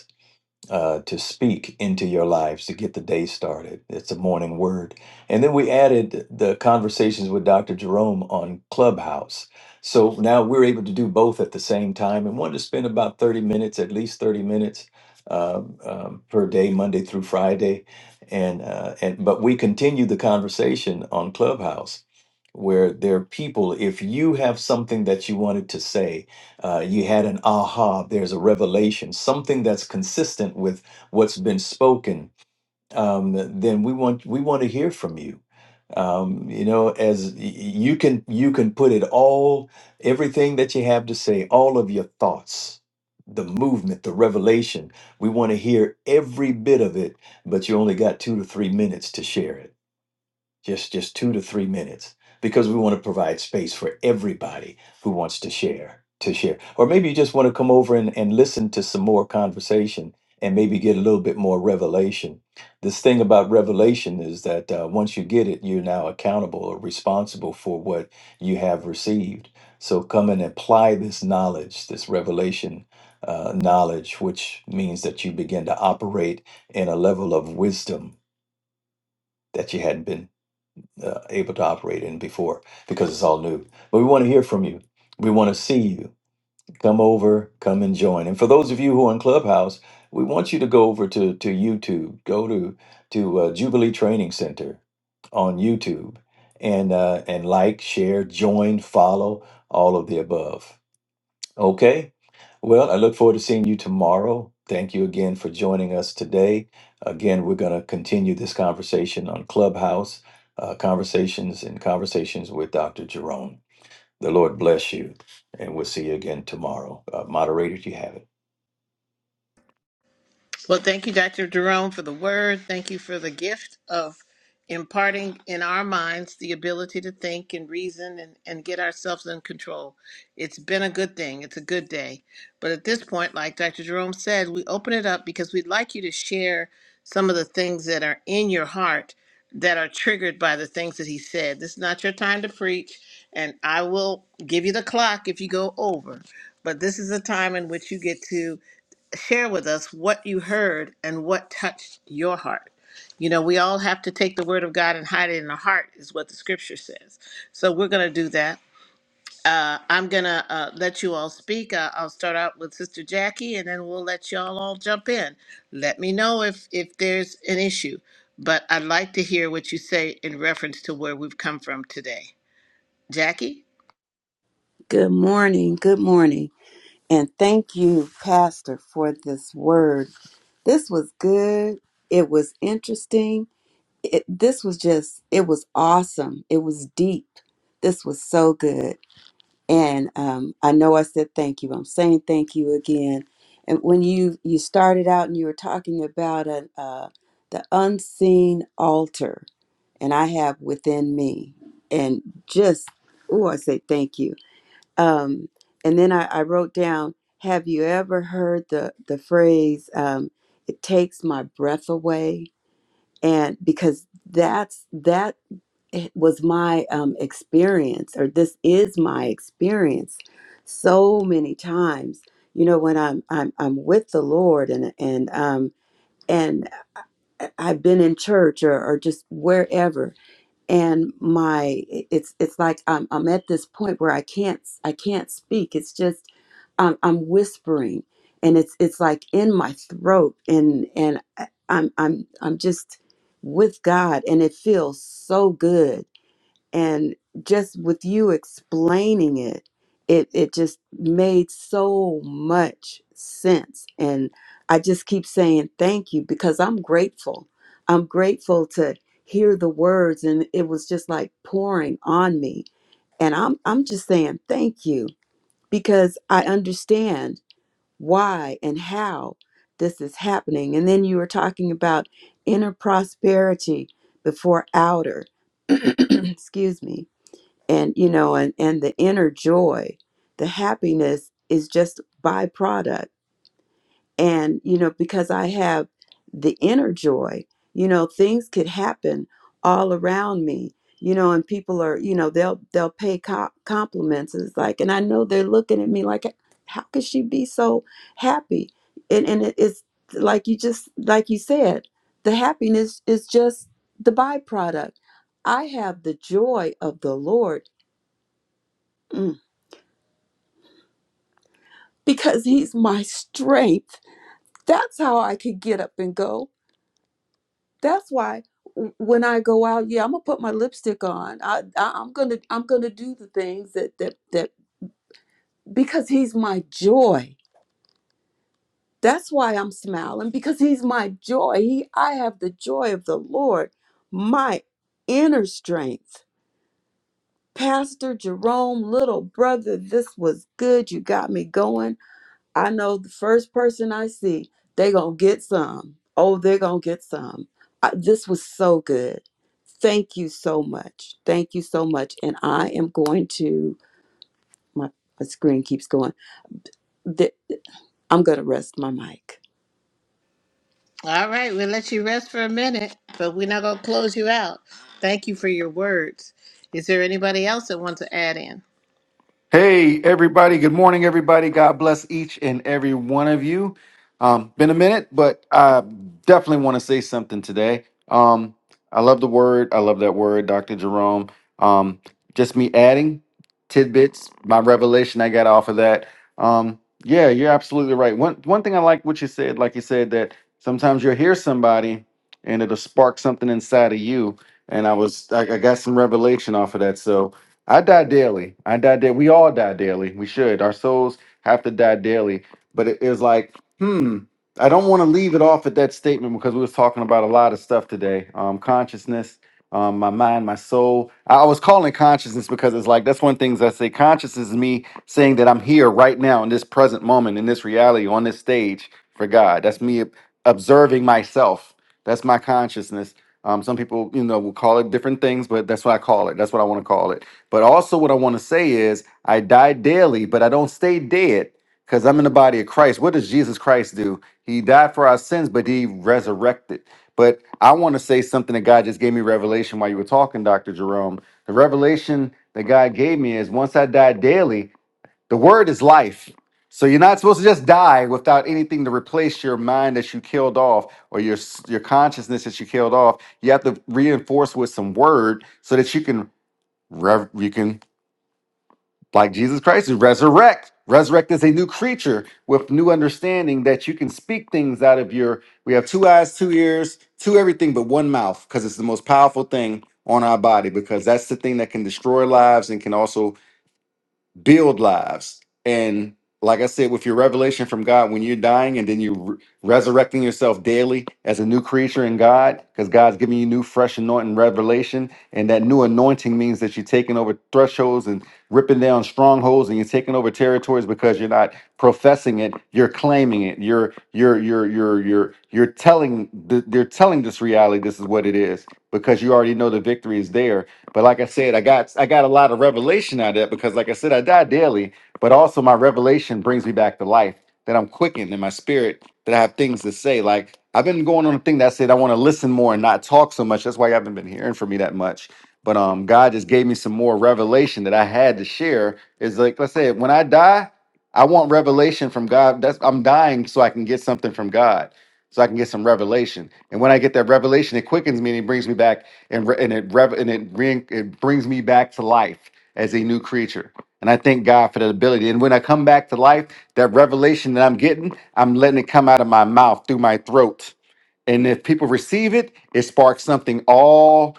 uh, to speak into your lives to get the day started. It's a morning word. And then we added the conversations with Dr. Jerome on Clubhouse. So now we're able to do both at the same time and wanted to spend about 30 minutes, at least 30 minutes um, um, per day, Monday through Friday. And, uh, and but we continue the conversation on Clubhouse where there are people, if you have something that you wanted to say, uh, you had an aha, there's a revelation, something that's consistent with what's been spoken. Um, then we want we want to hear from you. Um, you know, as y- y- you can you can put it all, everything that you have to say, all of your thoughts, the movement, the revelation. We want to hear every bit of it, but you only got two to three minutes to share it just just two to three minutes because we want to provide space for everybody who wants to share to share or maybe you just want to come over and, and listen to some more conversation and maybe get a little bit more revelation this thing about revelation is that uh, once you get it you're now accountable or responsible for what you have received so come and apply this knowledge this revelation uh, knowledge which means that you begin to operate in a level of wisdom that you hadn't been uh, able to operate in before because it's all new. But we want to hear from you. We want to see you. Come over, come and join. And for those of you who are in Clubhouse, we want you to go over to, to YouTube, go to to uh, Jubilee Training Center on YouTube, and uh, and like, share, join, follow, all of the above. Okay. Well, I look forward to seeing you tomorrow. Thank you again for joining us today. Again, we're going to continue this conversation on Clubhouse uh, Conversations and Conversations with Dr. Jerome. The Lord bless you, and we'll see you again tomorrow. Uh, moderator, do you have it?
Well, thank you, Dr. Jerome, for the word. Thank you for the gift of imparting in our minds the ability to think and reason and, and get ourselves in control. It's been a good thing. It's a good day. But at this point, like Dr. Jerome said, we open it up because we'd like you to share some of the things that are in your heart that are triggered by the things that he said. This is not your time to preach, and I will give you the clock if you go over. But this is a time in which you get to share with us what you heard and what touched your heart. You know, we all have to take the word of God and hide it in our heart, is what the scripture says. So we're going to do that. Uh, I'm going to uh, let you all speak. Uh, I'll start out with Sister Jackie, and then we'll let you all all jump in. Let me know if if there's an issue, but I'd like to hear what you say in reference to where we've come from today. Jackie.
Good morning. Good morning. And thank you, Pastor, for this word. This was good. It was interesting. It, this was just, it was awesome. It was deep. This was so good. And um, I know I said thank you. I'm saying thank you again. And when you you started out and you were talking about an, uh, the unseen altar, and I have within me. And just, oh, I say thank you. Um, and then I, I wrote down, have you ever heard the, the phrase, um, it takes my breath away? And because that's, that was my um, experience, or this is my experience so many times. You know, when I'm, I'm, I'm with the Lord and, and, um, and I've been in church or, or just wherever, and my it's it's like I'm I'm at this point where I can't I can't speak. It's just I'm I'm whispering, and it's it's like in my throat, and and I- I'm I'm I'm just with God, and it feels so good and just with you explaining it it it just made so much sense and i just keep saying thank you because i'm grateful i'm grateful to hear the words and it was just like pouring on me and i'm i'm just saying thank you because i understand why and how this is happening and then you were talking about inner prosperity before outer excuse me and you know and and the inner joy the happiness is just byproduct and you know because i have the inner joy you know things could happen all around me you know and people are you know they'll they'll pay co- compliments and it's like and i know they're looking at me like how could she be so happy and and it- it's like you just like you said the happiness is just the byproduct i have the joy of the lord Mm. because he's my strength. That's how I could get up and go. That's why w- when I go out, yeah, I'm gonna put my lipstick on. I, I I'm gonna I'm gonna do the things that that that because he's my joy. That's why I'm smiling because he's my joy. He I have the joy of the Lord, my inner strength. Pastor Jerome, little brother, this was good. You got me going. I know the first person I see, they gonna get some. Oh, they're gonna get some. I, this was so good. Thank you so much. Thank you so much. And I am going to my, my screen keeps going. Th- I'm gonna rest my mic.
All right, we'll let you rest for a minute, but we're not going to close you out. Thank you for your words. Is there anybody else that wants to add in?
Hey, everybody. Good morning, everybody. God bless each and every one of you. Um, been a minute, but I definitely want to say something today. Um, I love the word. I love that word, Dr. Jerome. Um, just me adding tidbits, my revelation I got off of that. Um, yeah, you're absolutely right. One, one thing I like what you said, like you said, that sometimes you'll hear somebody and it'll spark something inside of you. And I was, I, I got some revelation off of that. So I die daily. I die daily. We all die daily. We should. Our souls have to die daily. But it is like, hmm, I don't want to leave it off at that statement because we was talking about a lot of stuff today. Um, consciousness, um, my mind, my soul. I I was calling consciousness because it's like that's one of the things I say. Consciousness is me saying that I'm here right now in this present moment, in this reality, on this stage for God. That's me ob- observing myself. That's my consciousness. Um, some people, you know, will call it different things, but that's what I call it. That's what I want to call it but also, what I want to say is, I die daily, but I don't stay dead because I'm in the body of Christ. What does Jesus Christ do? He died for our sins, but he resurrected. But I want to say something that God just gave me revelation while you were talking, Dr. Jerome. The revelation that God gave me is once I die daily, the word is life. So you're not supposed to just die without anything to replace your mind that you killed off or your s- your consciousness that you killed off. You have to reinforce with some word so that you can rev- you can like Jesus Christ, is resurrect. Resurrect is a new creature with new understanding that you can speak things out of your. We have two eyes, two ears, two everything but one mouth because it's the most powerful thing on our body because that's the thing that can destroy lives and can also build lives. And like I said, with your revelation from God, when you're dying and then you're re- resurrecting yourself daily as a new creature in God, because God's giving you new, fresh anointing revelation. And that new anointing means that you're taking over thresholds and ripping down strongholds and you're taking over territories because you're not professing it, you're claiming it. You're you're you're you're you're you're telling th- they're telling this reality this is what it is because you already know the victory is there but like I said, I got I got a lot of revelation out of that because, like I said, I die daily, but also my revelation brings me back to life. That I'm quickened in my spirit. That I have things to say. Like I've been going on a thing that said I want to listen more and not talk so much. That's why you haven't been hearing from me that much. But um, God just gave me some more revelation that I had to share. Is like let's say when I die, I want revelation from God. That's I'm dying so I can get something from God, so I can get some revelation. And when I get that revelation, it quickens me and it brings me back and re- and it rev- and it, re- it brings me back to life as a new creature. And I thank God for that ability. And when I come back to life, that revelation that I'm getting, I'm letting it come out of my mouth through my throat. And if people receive it, it sparks something all.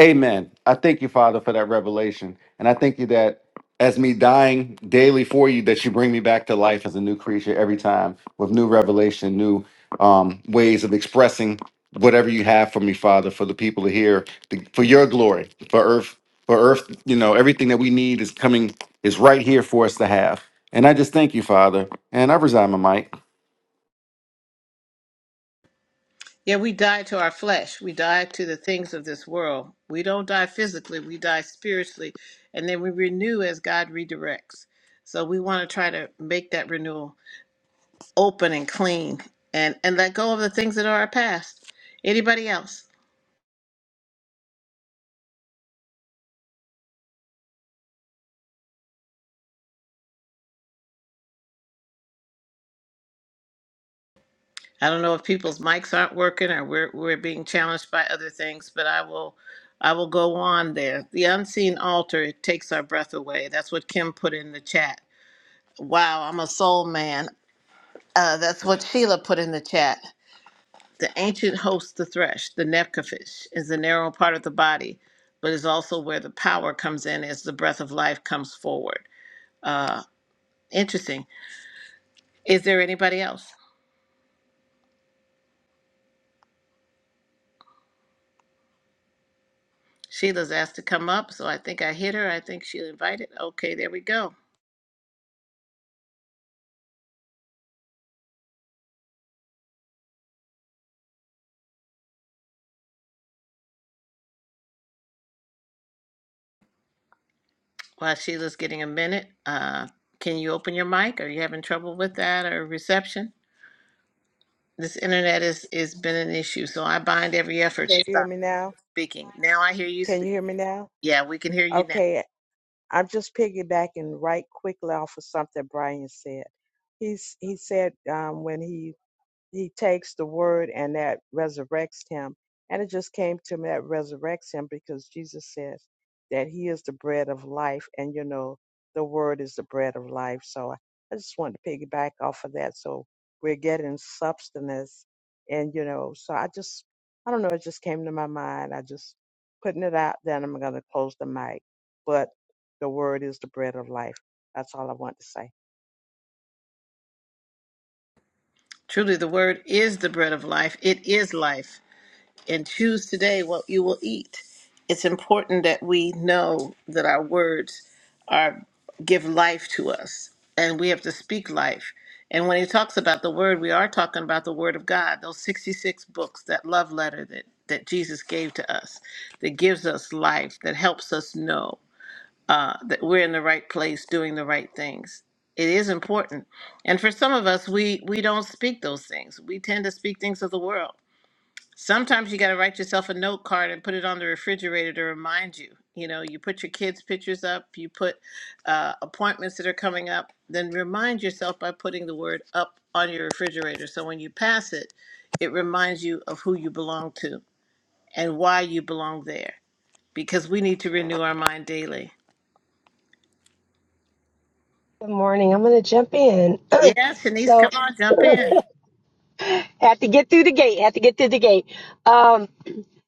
Amen. I thank you, Father, for that revelation. And I thank you that as me dying daily for you, that you bring me back to life as a new creature every time with new revelation, new um, ways of expressing whatever you have for me, Father, for the people to hear, to, for your glory, for earth, for earth, you know, everything that we need is coming, is right here for us to have. And I just thank you, Father. And I resign my mic.
Yeah, we die to our flesh. We die to the things of this world. We don't die physically, we die spiritually, and then we renew as God redirects. So we want to try to make that renewal open and clean and and let go of the things that are our past. Anybody else? I don't know if people's mics aren't working or we're we're being challenged by other things, but I will I will go on there. The unseen altar it takes our breath away. That's what Kim put in the chat. Wow, I'm a soul man. Uh, that's what Sheila put in the chat. The ancient host, the thresh, the nepkefish, is the narrow part of the body, but is also where the power comes in as the breath of life comes forward. Uh, interesting. Is there anybody else? Sheila's asked to come up, so I think I hit her. I think she invited. Okay, there we go. While Sheila's getting a minute, uh, can you open your mic? Are you having trouble with that or reception? This internet is is been an issue, so I bind every effort to
Can you hear
stop
me now?
speaking. Now I hear you
Can you
speak.
hear me now?
Yeah, we can hear you now.
Okay, I'm just piggybacking right quickly off of something Brian said. He's he said um, when he he takes the word and that resurrects him. And it just came to me that resurrects him because Jesus says that he is the bread of life. And, you know, the word is the bread of life. So I, I just wanted to piggyback off of that. So we're getting substance. And, you know, so I just, I don't know, it just came to my mind. I just putting it out Then I'm going to close the mic. But the word is the bread of life. That's all I want to say.
Truly, the word is the bread of life. It is life. and choose today what you will eat. It's important that we know that our words are give life to us and we have to speak life. And when he talks about the word, we are talking about the word of God, those 66 books, that love letter that, that Jesus gave to us, that gives us life, that helps us know uh, that we're in the right place doing the right things. It is important. And for some of us, we, we don't speak those things. We tend to speak things of the world Sometimes you got to write yourself a note card and put it on the refrigerator to remind you. You know, you put your kids' pictures up, you put uh, appointments that are coming up, then remind yourself by putting the word up on your refrigerator. So when you pass it, it reminds you of who you belong to and why you belong there because we need to renew our mind daily.
Good morning. I'm going to jump in.
Yeah, Shanice,
so,
come on, jump in.
had to get through the gate. Had to get through the gate. Um,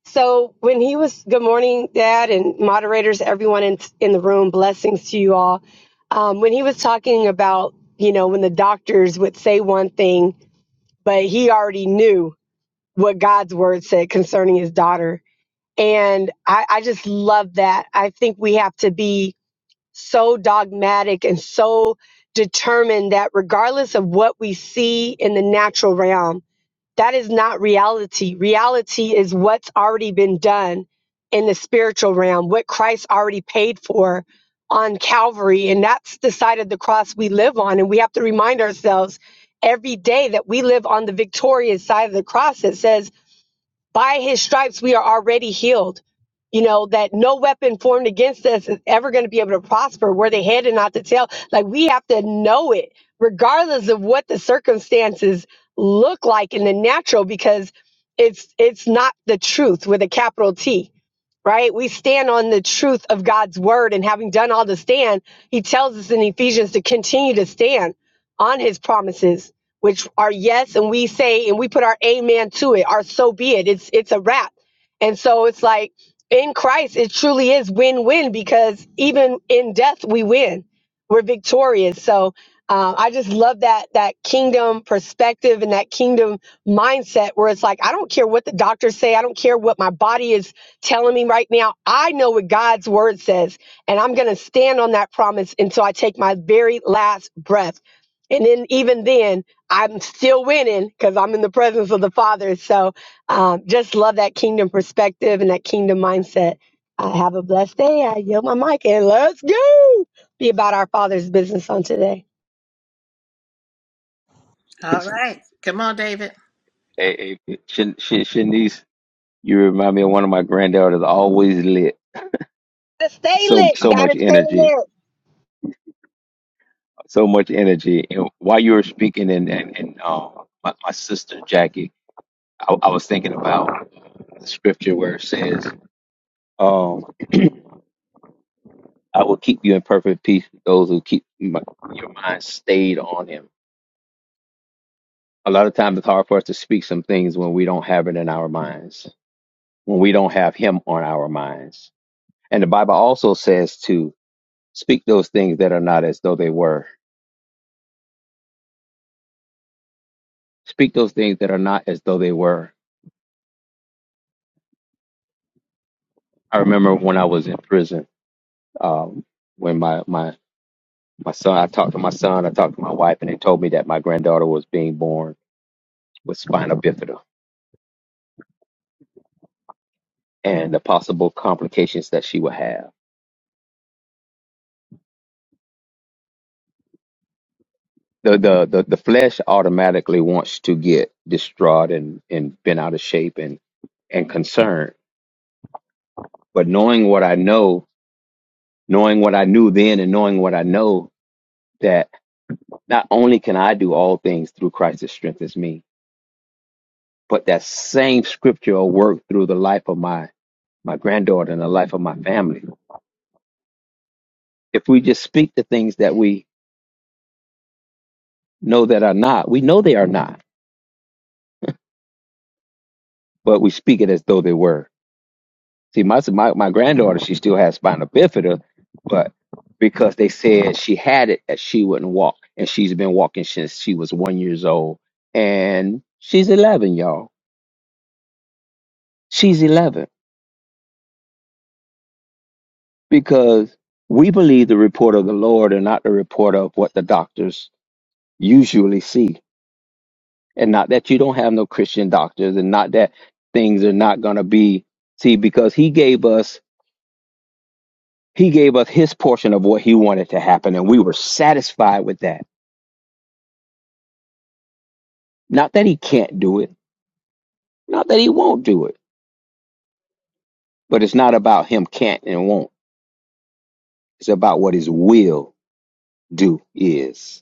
so, when he was, good morning, Dad, and moderators, everyone in, in the room, blessings to you all. Um, when he was talking about, you know, when the doctors would say one thing, but he already knew what God's word said concerning his daughter. And I, I just love that. I think we have to be so dogmatic and so determined that regardless of what we see in the natural realm, that is not reality. Reality is what's already been done in the spiritual realm, what Christ already paid for on Calvary. And that's the side of the cross we live on. And we have to remind ourselves every day that we live on the victorious side of the cross. It says, by his stripes we are already healed you know that no weapon formed against us is ever going to be able to prosper where they head and not the tail like we have to know it regardless of what the circumstances look like in the natural because it's it's not the truth with a capital t right? We stand on the truth of God's word. And having done all to stand, he tells us in Ephesians to continue to stand on his promises, which are yes, and we say and we put our amen to it, Our so be it. It's it's a wrap. And so it's like in Christ, it truly is win-win because even in death we win. We're victorious. So um, I just love that that kingdom perspective and that kingdom mindset where it's like I don't care what the doctors say, I don't care what my body is telling me right now, I know what God's word says, and I'm going to stand on that promise until I take my very last breath. And then, even then, I'm still winning because I'm in the presence of the Father. So, um, just love that kingdom perspective and that kingdom mindset. Uh, have a blessed day. I yield my mic and let's go be about our Father's business on today.
hey,
All right. Come on, David.
hey, Shan- Shan- Shanice, you remind me of one of my granddaughters. Always lit,
Gotta Stay
so
lit.
so much
Gotta stay
energy,
lit.
so much energy. And while you were speaking, and and, and um, my, my sister Jackie, I, I was thinking about the scripture where it says, um, "I will keep you in perfect peace." Those who keep my, your mind stayed on Him. A lot of times, it's hard for us to speak some things when we don't have it in our minds, when we don't have Him on our minds. And the Bible also says too. Speak those things that are not as though they were. Speak those things that are not as though they were. I remember when I was in prison, um, when my, my, my son, I talked to my son, I talked to my wife, and they told me that my granddaughter was being born with spina bifida and the possible complications that she would have. The, the, the, the flesh automatically wants to get distraught and, and bent out of shape and and concerned. But knowing what I know, knowing what I knew then, and knowing what I know Not only can I do all things through Christ that strengthens me, but that same scripture will work through the life of my, my granddaughter and the life of my family. If we just speak the things that we know that are not, we know they are not, but we speak it as though they were. See, my, my, my granddaughter, she still has spina bifida, but because they said she had it, that she wouldn't walk. And she's been walking since she was one years old. And she's 11, y'all. She's 11 because we believe the report of the Lord and not the report of what the doctors usually see. And not that you don't have no Christian doctors and not that things are not going to be see because he gave us he gave us his portion of what he wanted to happen and we were satisfied with that. Not that he can't do it, not that he won't do it, but it's not about him can't and won't. It's about what his will do is.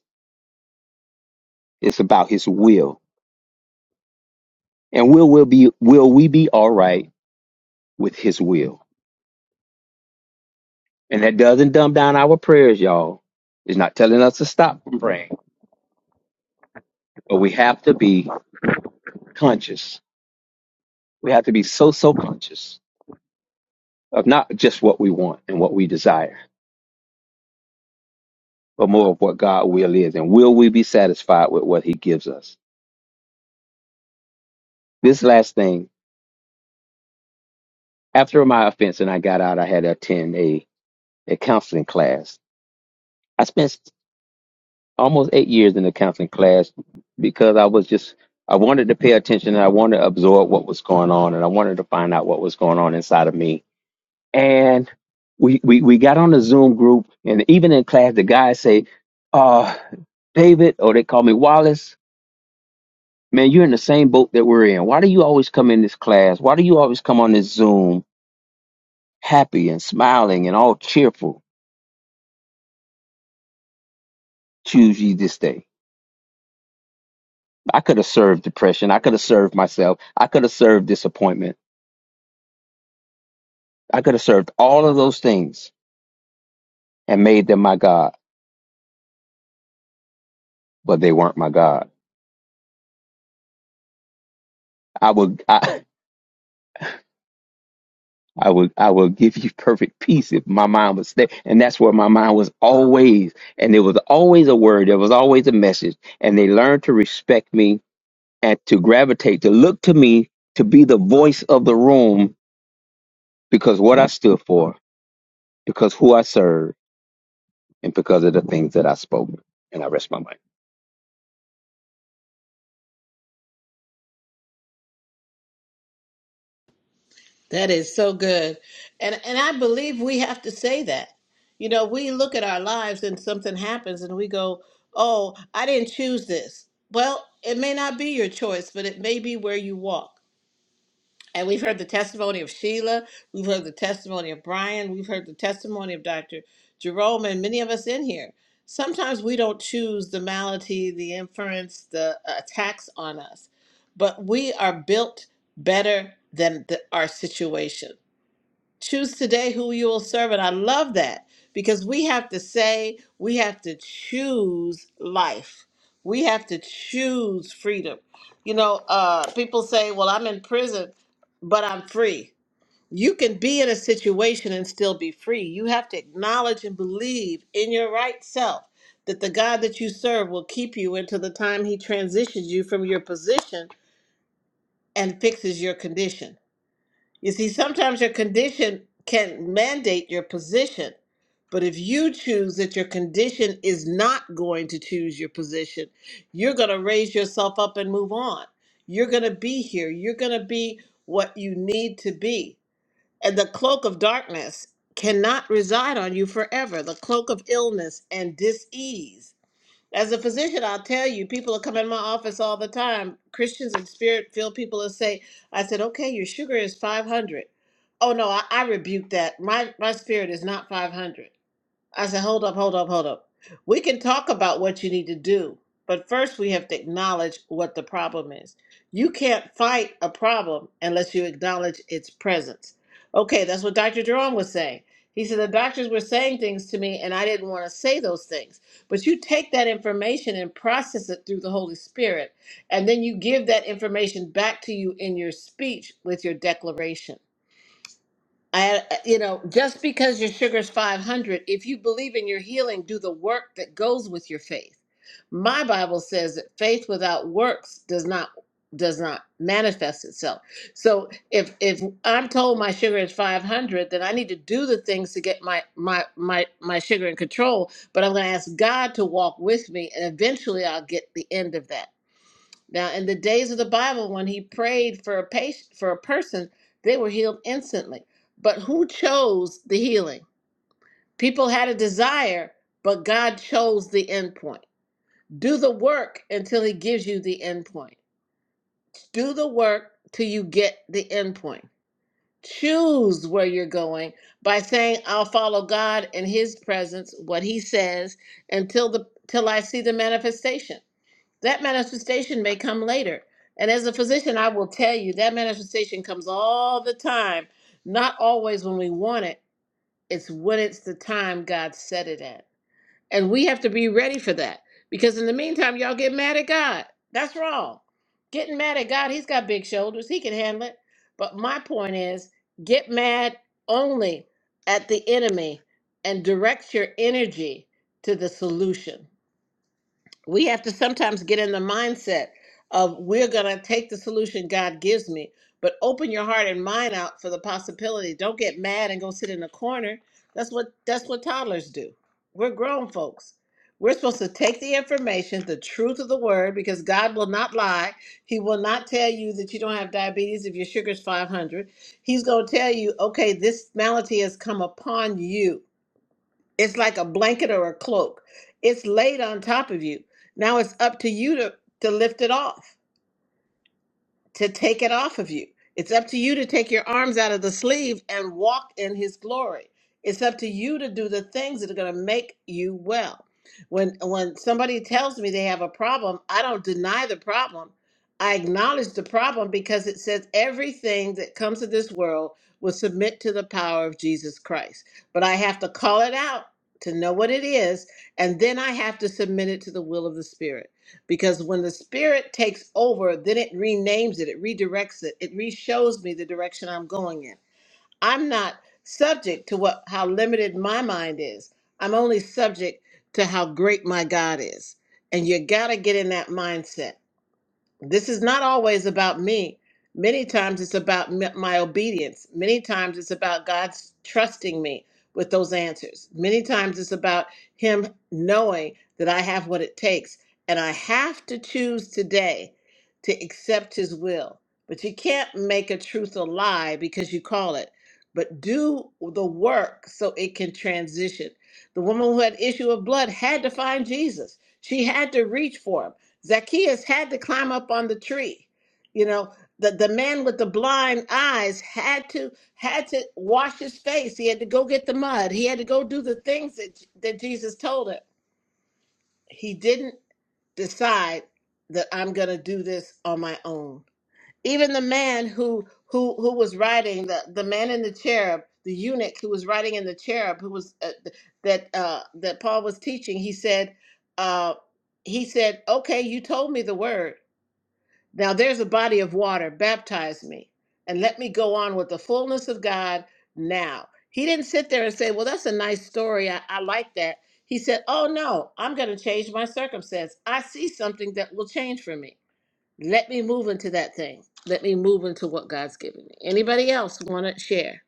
It's about his will. And will will be will we be all right with his will? And that doesn't dumb down our prayers, y'all. It's not telling us to stop from praying, but we have to be conscious. We have to be so, so conscious of not just what we want and what we desire, but more of what God will is. And will we be satisfied with what he gives us? This last thing, after my offense and I got out, I had to attend a, a counseling class. I spent almost eight years in the counseling class because I was just I wanted to pay attention and I wanted to absorb what was going on and I wanted to find out what was going on inside of me. And we we, we got on the Zoom group and even in class the guys say, uh, David, or they call me Wallace, man, you're in the same boat that we're in. Why do you always come in this class? Why do you always come on this Zoom happy and smiling and all cheerful? Choose ye this day. I could have served depression. I could have served myself. I could have served disappointment. I could have served all of those things and made them my God, but they weren't my God. I would, I, I would, I would give you perfect peace if my mind was there. And that's where my mind was always. And there was always a word. There was always a message. And they learned to respect me and to gravitate, to look to me to be the voice of the room because what I stood for, because who I served, and because of the things that I spoke. And I rest my mind.
That is so good. And and I believe we have to say that. You know, we look at our lives and something happens and we go, "Oh, I didn't choose this." Well, it may not be your choice, but it may be where you walk. And we've heard the testimony of Sheila, we've heard the testimony of Brian, we've heard the testimony of Dr. Jerome and many of us in here. Sometimes we don't choose the malady, the inference, the attacks on us, but we are built better than the, our situations choose today who you will serve. And I love that because we have to say, we have to choose life. We have to choose freedom. You know, uh, people say, well, I'm in prison, but I'm free. You can be in a situation and still be free. You have to acknowledge and believe in your right self that the God that you serve will keep you until the time He transitions you from your position and fixes your condition. You see, sometimes your condition can mandate your position. But if you choose that your condition is not going to choose your position, you're going to raise yourself up and move on. You're going to be here. You're going to be what you need to be. And the cloak of darkness cannot reside on you forever. The cloak of illness and dis-ease as a physician, I'll tell you, people will come in my office all the time. Christians and spirit filled people will say, I said, okay, your sugar is 500. Oh, no, I, I rebuke that. My, my spirit is not 500. I said, hold up, hold up, hold up. We can talk about what you need to do, but first we have to acknowledge what the problem is. You can't fight a problem unless you acknowledge its presence. Okay, that's what Dr. Jerome was saying. He said the doctors were saying things to me and I didn't want to say those things. But you take that information and process it through the Holy Spirit, and then you give that information back to you in your speech with your declaration. I, uh, you know, just because your sugar's 500, if you believe in your healing, do the work that goes with your faith. My Bible says that faith without works does not does not manifest itself. So if if I'm told my sugar is 500, then I need to do the things to get my my my my sugar in control, but I'm going to ask God to walk with me and eventually I'll get the end of that. Now, in the days of the Bible, when he prayed for a patient, for a person, they were healed instantly. But who chose the healing? People had a desire, but God chose the end point. Do the work until he gives you the end point. Do the work till you get the end point. Choose where you're going by saying, I'll follow God in his presence, what he says, until the till I see the manifestation. That manifestation may come later. And as a physician, I will tell you that manifestation comes all the time, not always when we want it, it's when it's the time God set it at. And we have to be ready for that because in the meantime, y'all get mad at God. That's wrong. Getting mad at God, He's got big shoulders, He can handle it. But my point is get mad only at the enemy and direct your energy to the solution we have to sometimes get in the mindset of we're going to take the solution God gives me, but open your heart and mind out for the possibility. Don't get mad and go sit in a corner. That's what that's what toddlers do. We're grown folks. We're supposed to take the information, the truth of the word, because God will not lie. He will not tell you that you don't have diabetes if your sugar's 500. He's going to tell you, okay, this malady has come upon you it's like a blanket or a cloak. It's laid on top of you. Now it's up to you to, to lift it off to take it off of you. It's up to you to take your arms out of the sleeve and walk in his glory. It's up to you to do the things that are going to make you well. When when somebody tells me they have a problem, I don't deny the problem. I acknowledge the problem because it says everything that comes to this world will submit to the power of Jesus Christ. But I have to call it out to know what it is, and then I have to submit it to the will of the Spirit. Because when the spirit takes over, then it renames it, it redirects it, it re-shows me the direction I'm going in. I'm not subject to what how limited my mind is. I'm only subject to how great my God is. And you gotta get in that mindset this is not always about me. Many times it's about m- my obedience. Many times it's about God's trusting me with those answers. Many times it's about Him knowing that I have what it takes. And I have to choose today to accept His will. But you can't make a truth a lie because you call it. But do the work so it can transition. The woman who had issue of blood had to find Jesus. She had to reach for him. Zacchaeus had to climb up on the tree. You know, the, the man with the blind eyes had to had to wash his face. He had to go get the mud. He had to go do the things that, that Jesus told him. He didn't decide that I'm gonna do this on my own. Even the man who who who was riding the, the man in the cherub, the eunuch who was riding in the cherub, who was uh, th- that uh, that Paul was teaching, he said, uh, he said, "Okay, you told me the word." Now there's a body of water. Baptize me and let me go on with the fullness of God now. He didn't sit there and say, Well, that's a nice story. I, I like that. He said, Oh, no, I'm going to change my circumstance. I see something that will change for me. Let me move into that thing. Let me move into what God's given me. Anybody else want to share?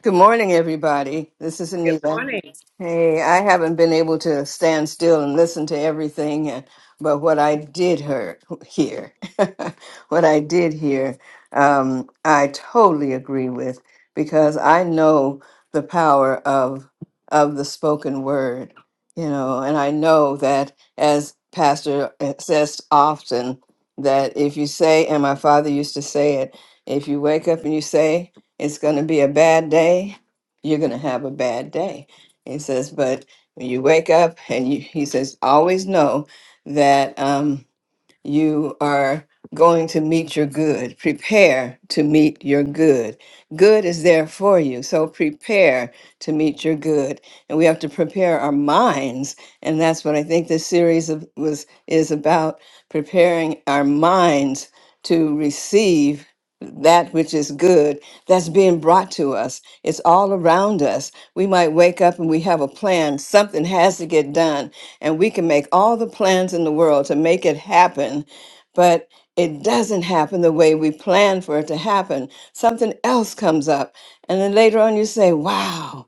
Good morning, everybody. This is
Good
Anita.
morning.
Hey, I haven't been able to stand still and listen to everything, and, but what I did hear, hear what I did hear, um, I totally agree with because I know the power of of the spoken word, you know, and I know that as Pastor uh, says often that if you say, and my father used to say it, if you wake up and you say it's going to be a bad day, you're going to have a bad day he says, but when you wake up and you, he says, always know that. Um, you are going to meet your good. Prepare to meet your good. Good is there for you. So prepare to meet your good. And we have to prepare our minds. And that's what I think this series of, was is about preparing our minds to receive that which is good that's being brought to us. It's all around us. We might wake up and we have a plan. Something has to get done and we can make all the plans in the world to make it happen, but it doesn't happen the way we plan for it to happen. Something else comes up, and then later on you say, Wow,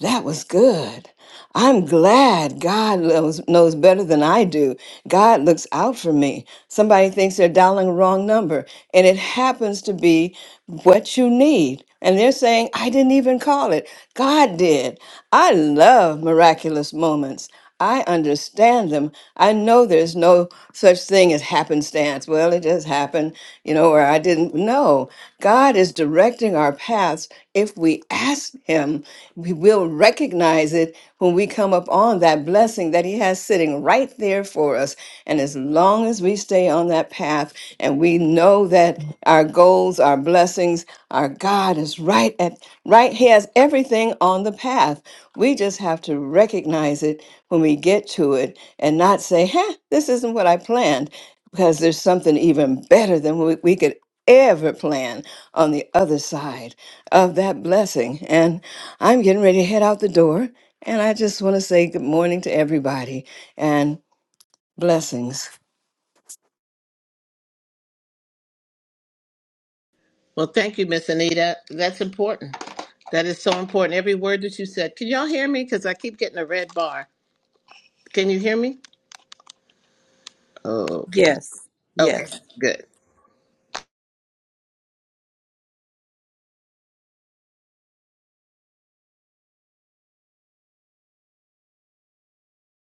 that was good. I'm glad God knows, knows better than I do. God looks out for me. Somebody thinks they're dialing a wrong number, and it happens to be what you need. And they're saying, I didn't even call it. God did. I love miraculous moments. I understand them. I know there's no such thing as happenstance. Well, it just happened, you know, or I didn't know. God is directing our paths. If we ask Him, we will recognize it when we come up on that blessing that He has sitting right there for us. And as long as we stay on that path and we know that our goals, our blessings, our God is right at right, He has everything on the path. We just have to recognize it when we get to it and not say, huh, this isn't what I planned, because there's something even better than we, we could ever plan on the other side of that blessing. And I'm getting ready to head out the door. And I just want to say good morning to everybody and blessings.
Well, thank you, Miss Anita. That's important. That is so important. Every word that you said. Can y'all hear me? Because I keep getting a red bar. Can you hear me? Okay.
Yes,
Okay,
yes.
good.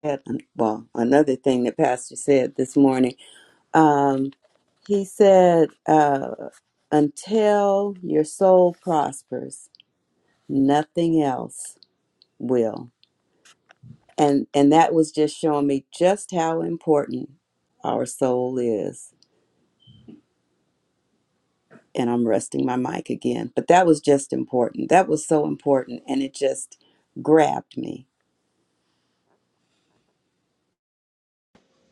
Had an- Well, another thing that Pastor said this morning, um, he said, uh, "Until your soul prospers, nothing else will." and and that was just showing me just how important our soul is and i'm resting my mic again but that was just important that was so important and it just grabbed me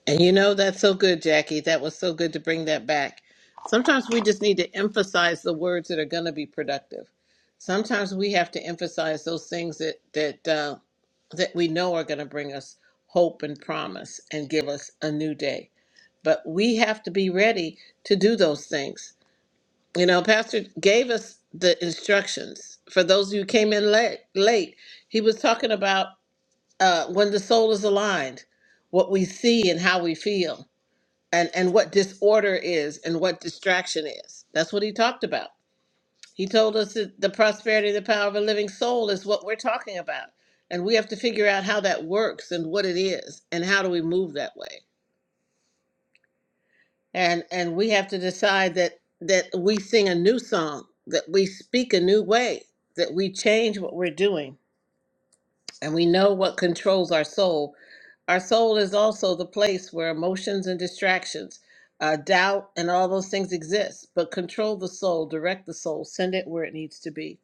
And you know, that's so good, Jackie. That was so good to bring that back. Sometimes we just need to emphasize the words that are going to be productive. Sometimes we have to emphasize those things that that uh, that we know are going to bring us hope and promise and give us a new day. But we have to be ready to do those things. You know, Pastor gave us the instructions for those who came in late. Late, he was talking about. uh, when the soul is aligned, what we see and how we feel, and, and what disorder is and what distraction is. That's what he talked about. He told us that the prosperity and the power of a living soul is what we're talking about. And we have to figure out how that works and what it is and how do we move that way. And and we have to decide that that we sing a new song, that we speak a new way, that we change what we're doing and we know what controls our soul. Our soul is also the place where emotions and distractions, uh, doubt, and all those things exist. But control the soul, direct the soul, send it where it needs to be,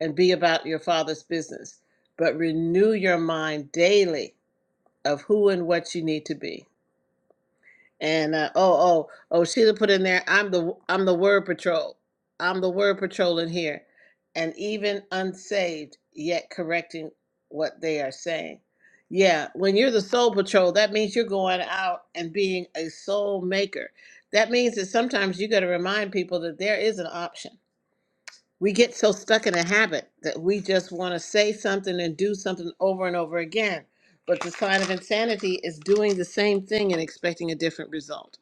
and be about your Father's business. But renew your mind daily of who and what you need to be and uh, oh, oh, oh, Sheila put in there. I'm the I'm the word patrol. I'm the word patrol in here, and even unsaved, yet correcting what they are saying. Yeah, when you're the soul patrol, that means you're going out and being a soul maker. That means that sometimes you got to remind people that there is an option we get so stuck in a habit that we just want to say something and do something over and over again. But the sign of insanity is doing the same thing and expecting a different result.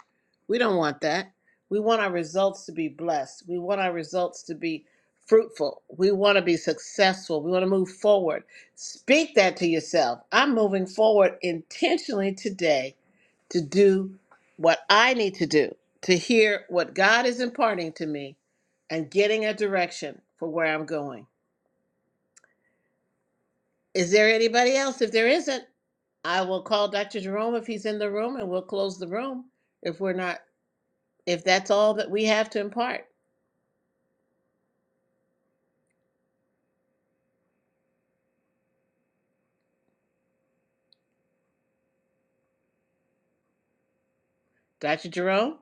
We don't want that. We want our results to be blessed. We want our results to be fruitful. We want to be successful. We want to move forward. Speak that to yourself. I'm moving forward intentionally today to do what I need to do, to hear what God is imparting to me and getting a direction for where I'm going. Is there anybody else? If there isn't, I will call Dr. Jerome if he's in the room and we'll close the room if we're not, if that's all that we have to impart. Dr. Jerome?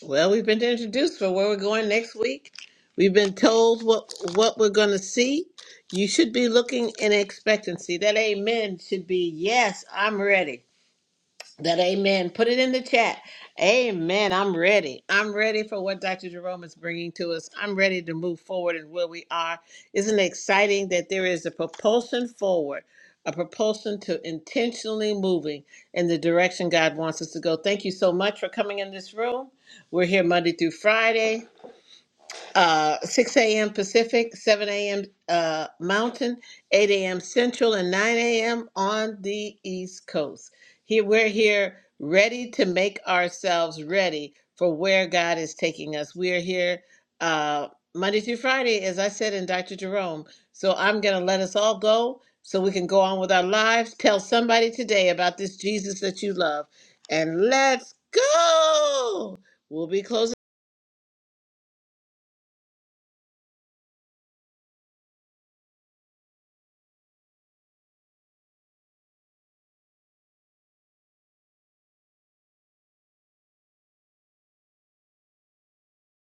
Well, we've been introduced for where we're going next week. We've been told what what we're going to see. You should be looking in expectancy. That amen should be yes, I'm ready. That amen. Put it in the chat. Amen. I'm ready. I'm ready for what Dr. Jerome is bringing to us. I'm ready to move forward and where we are. Isn't it exciting that there is a propulsion forward, a propulsion to intentionally moving in the direction God wants us to go? Thank you so much for coming in this room. We're here Monday through Friday uh, 6 a.m. Pacific, 7 a.m. Uh, Mountain, 8 a.m. Central, and 9 a.m. on the East Coast. Here we're here, ready to make ourselves ready for where God is taking us. We are here uh, Monday through Friday, as I said in Dr. Jerome. So I'm going to let us all go so we can go on with our lives. Tell somebody today about this Jesus that you love, and let's go. We'll be closing.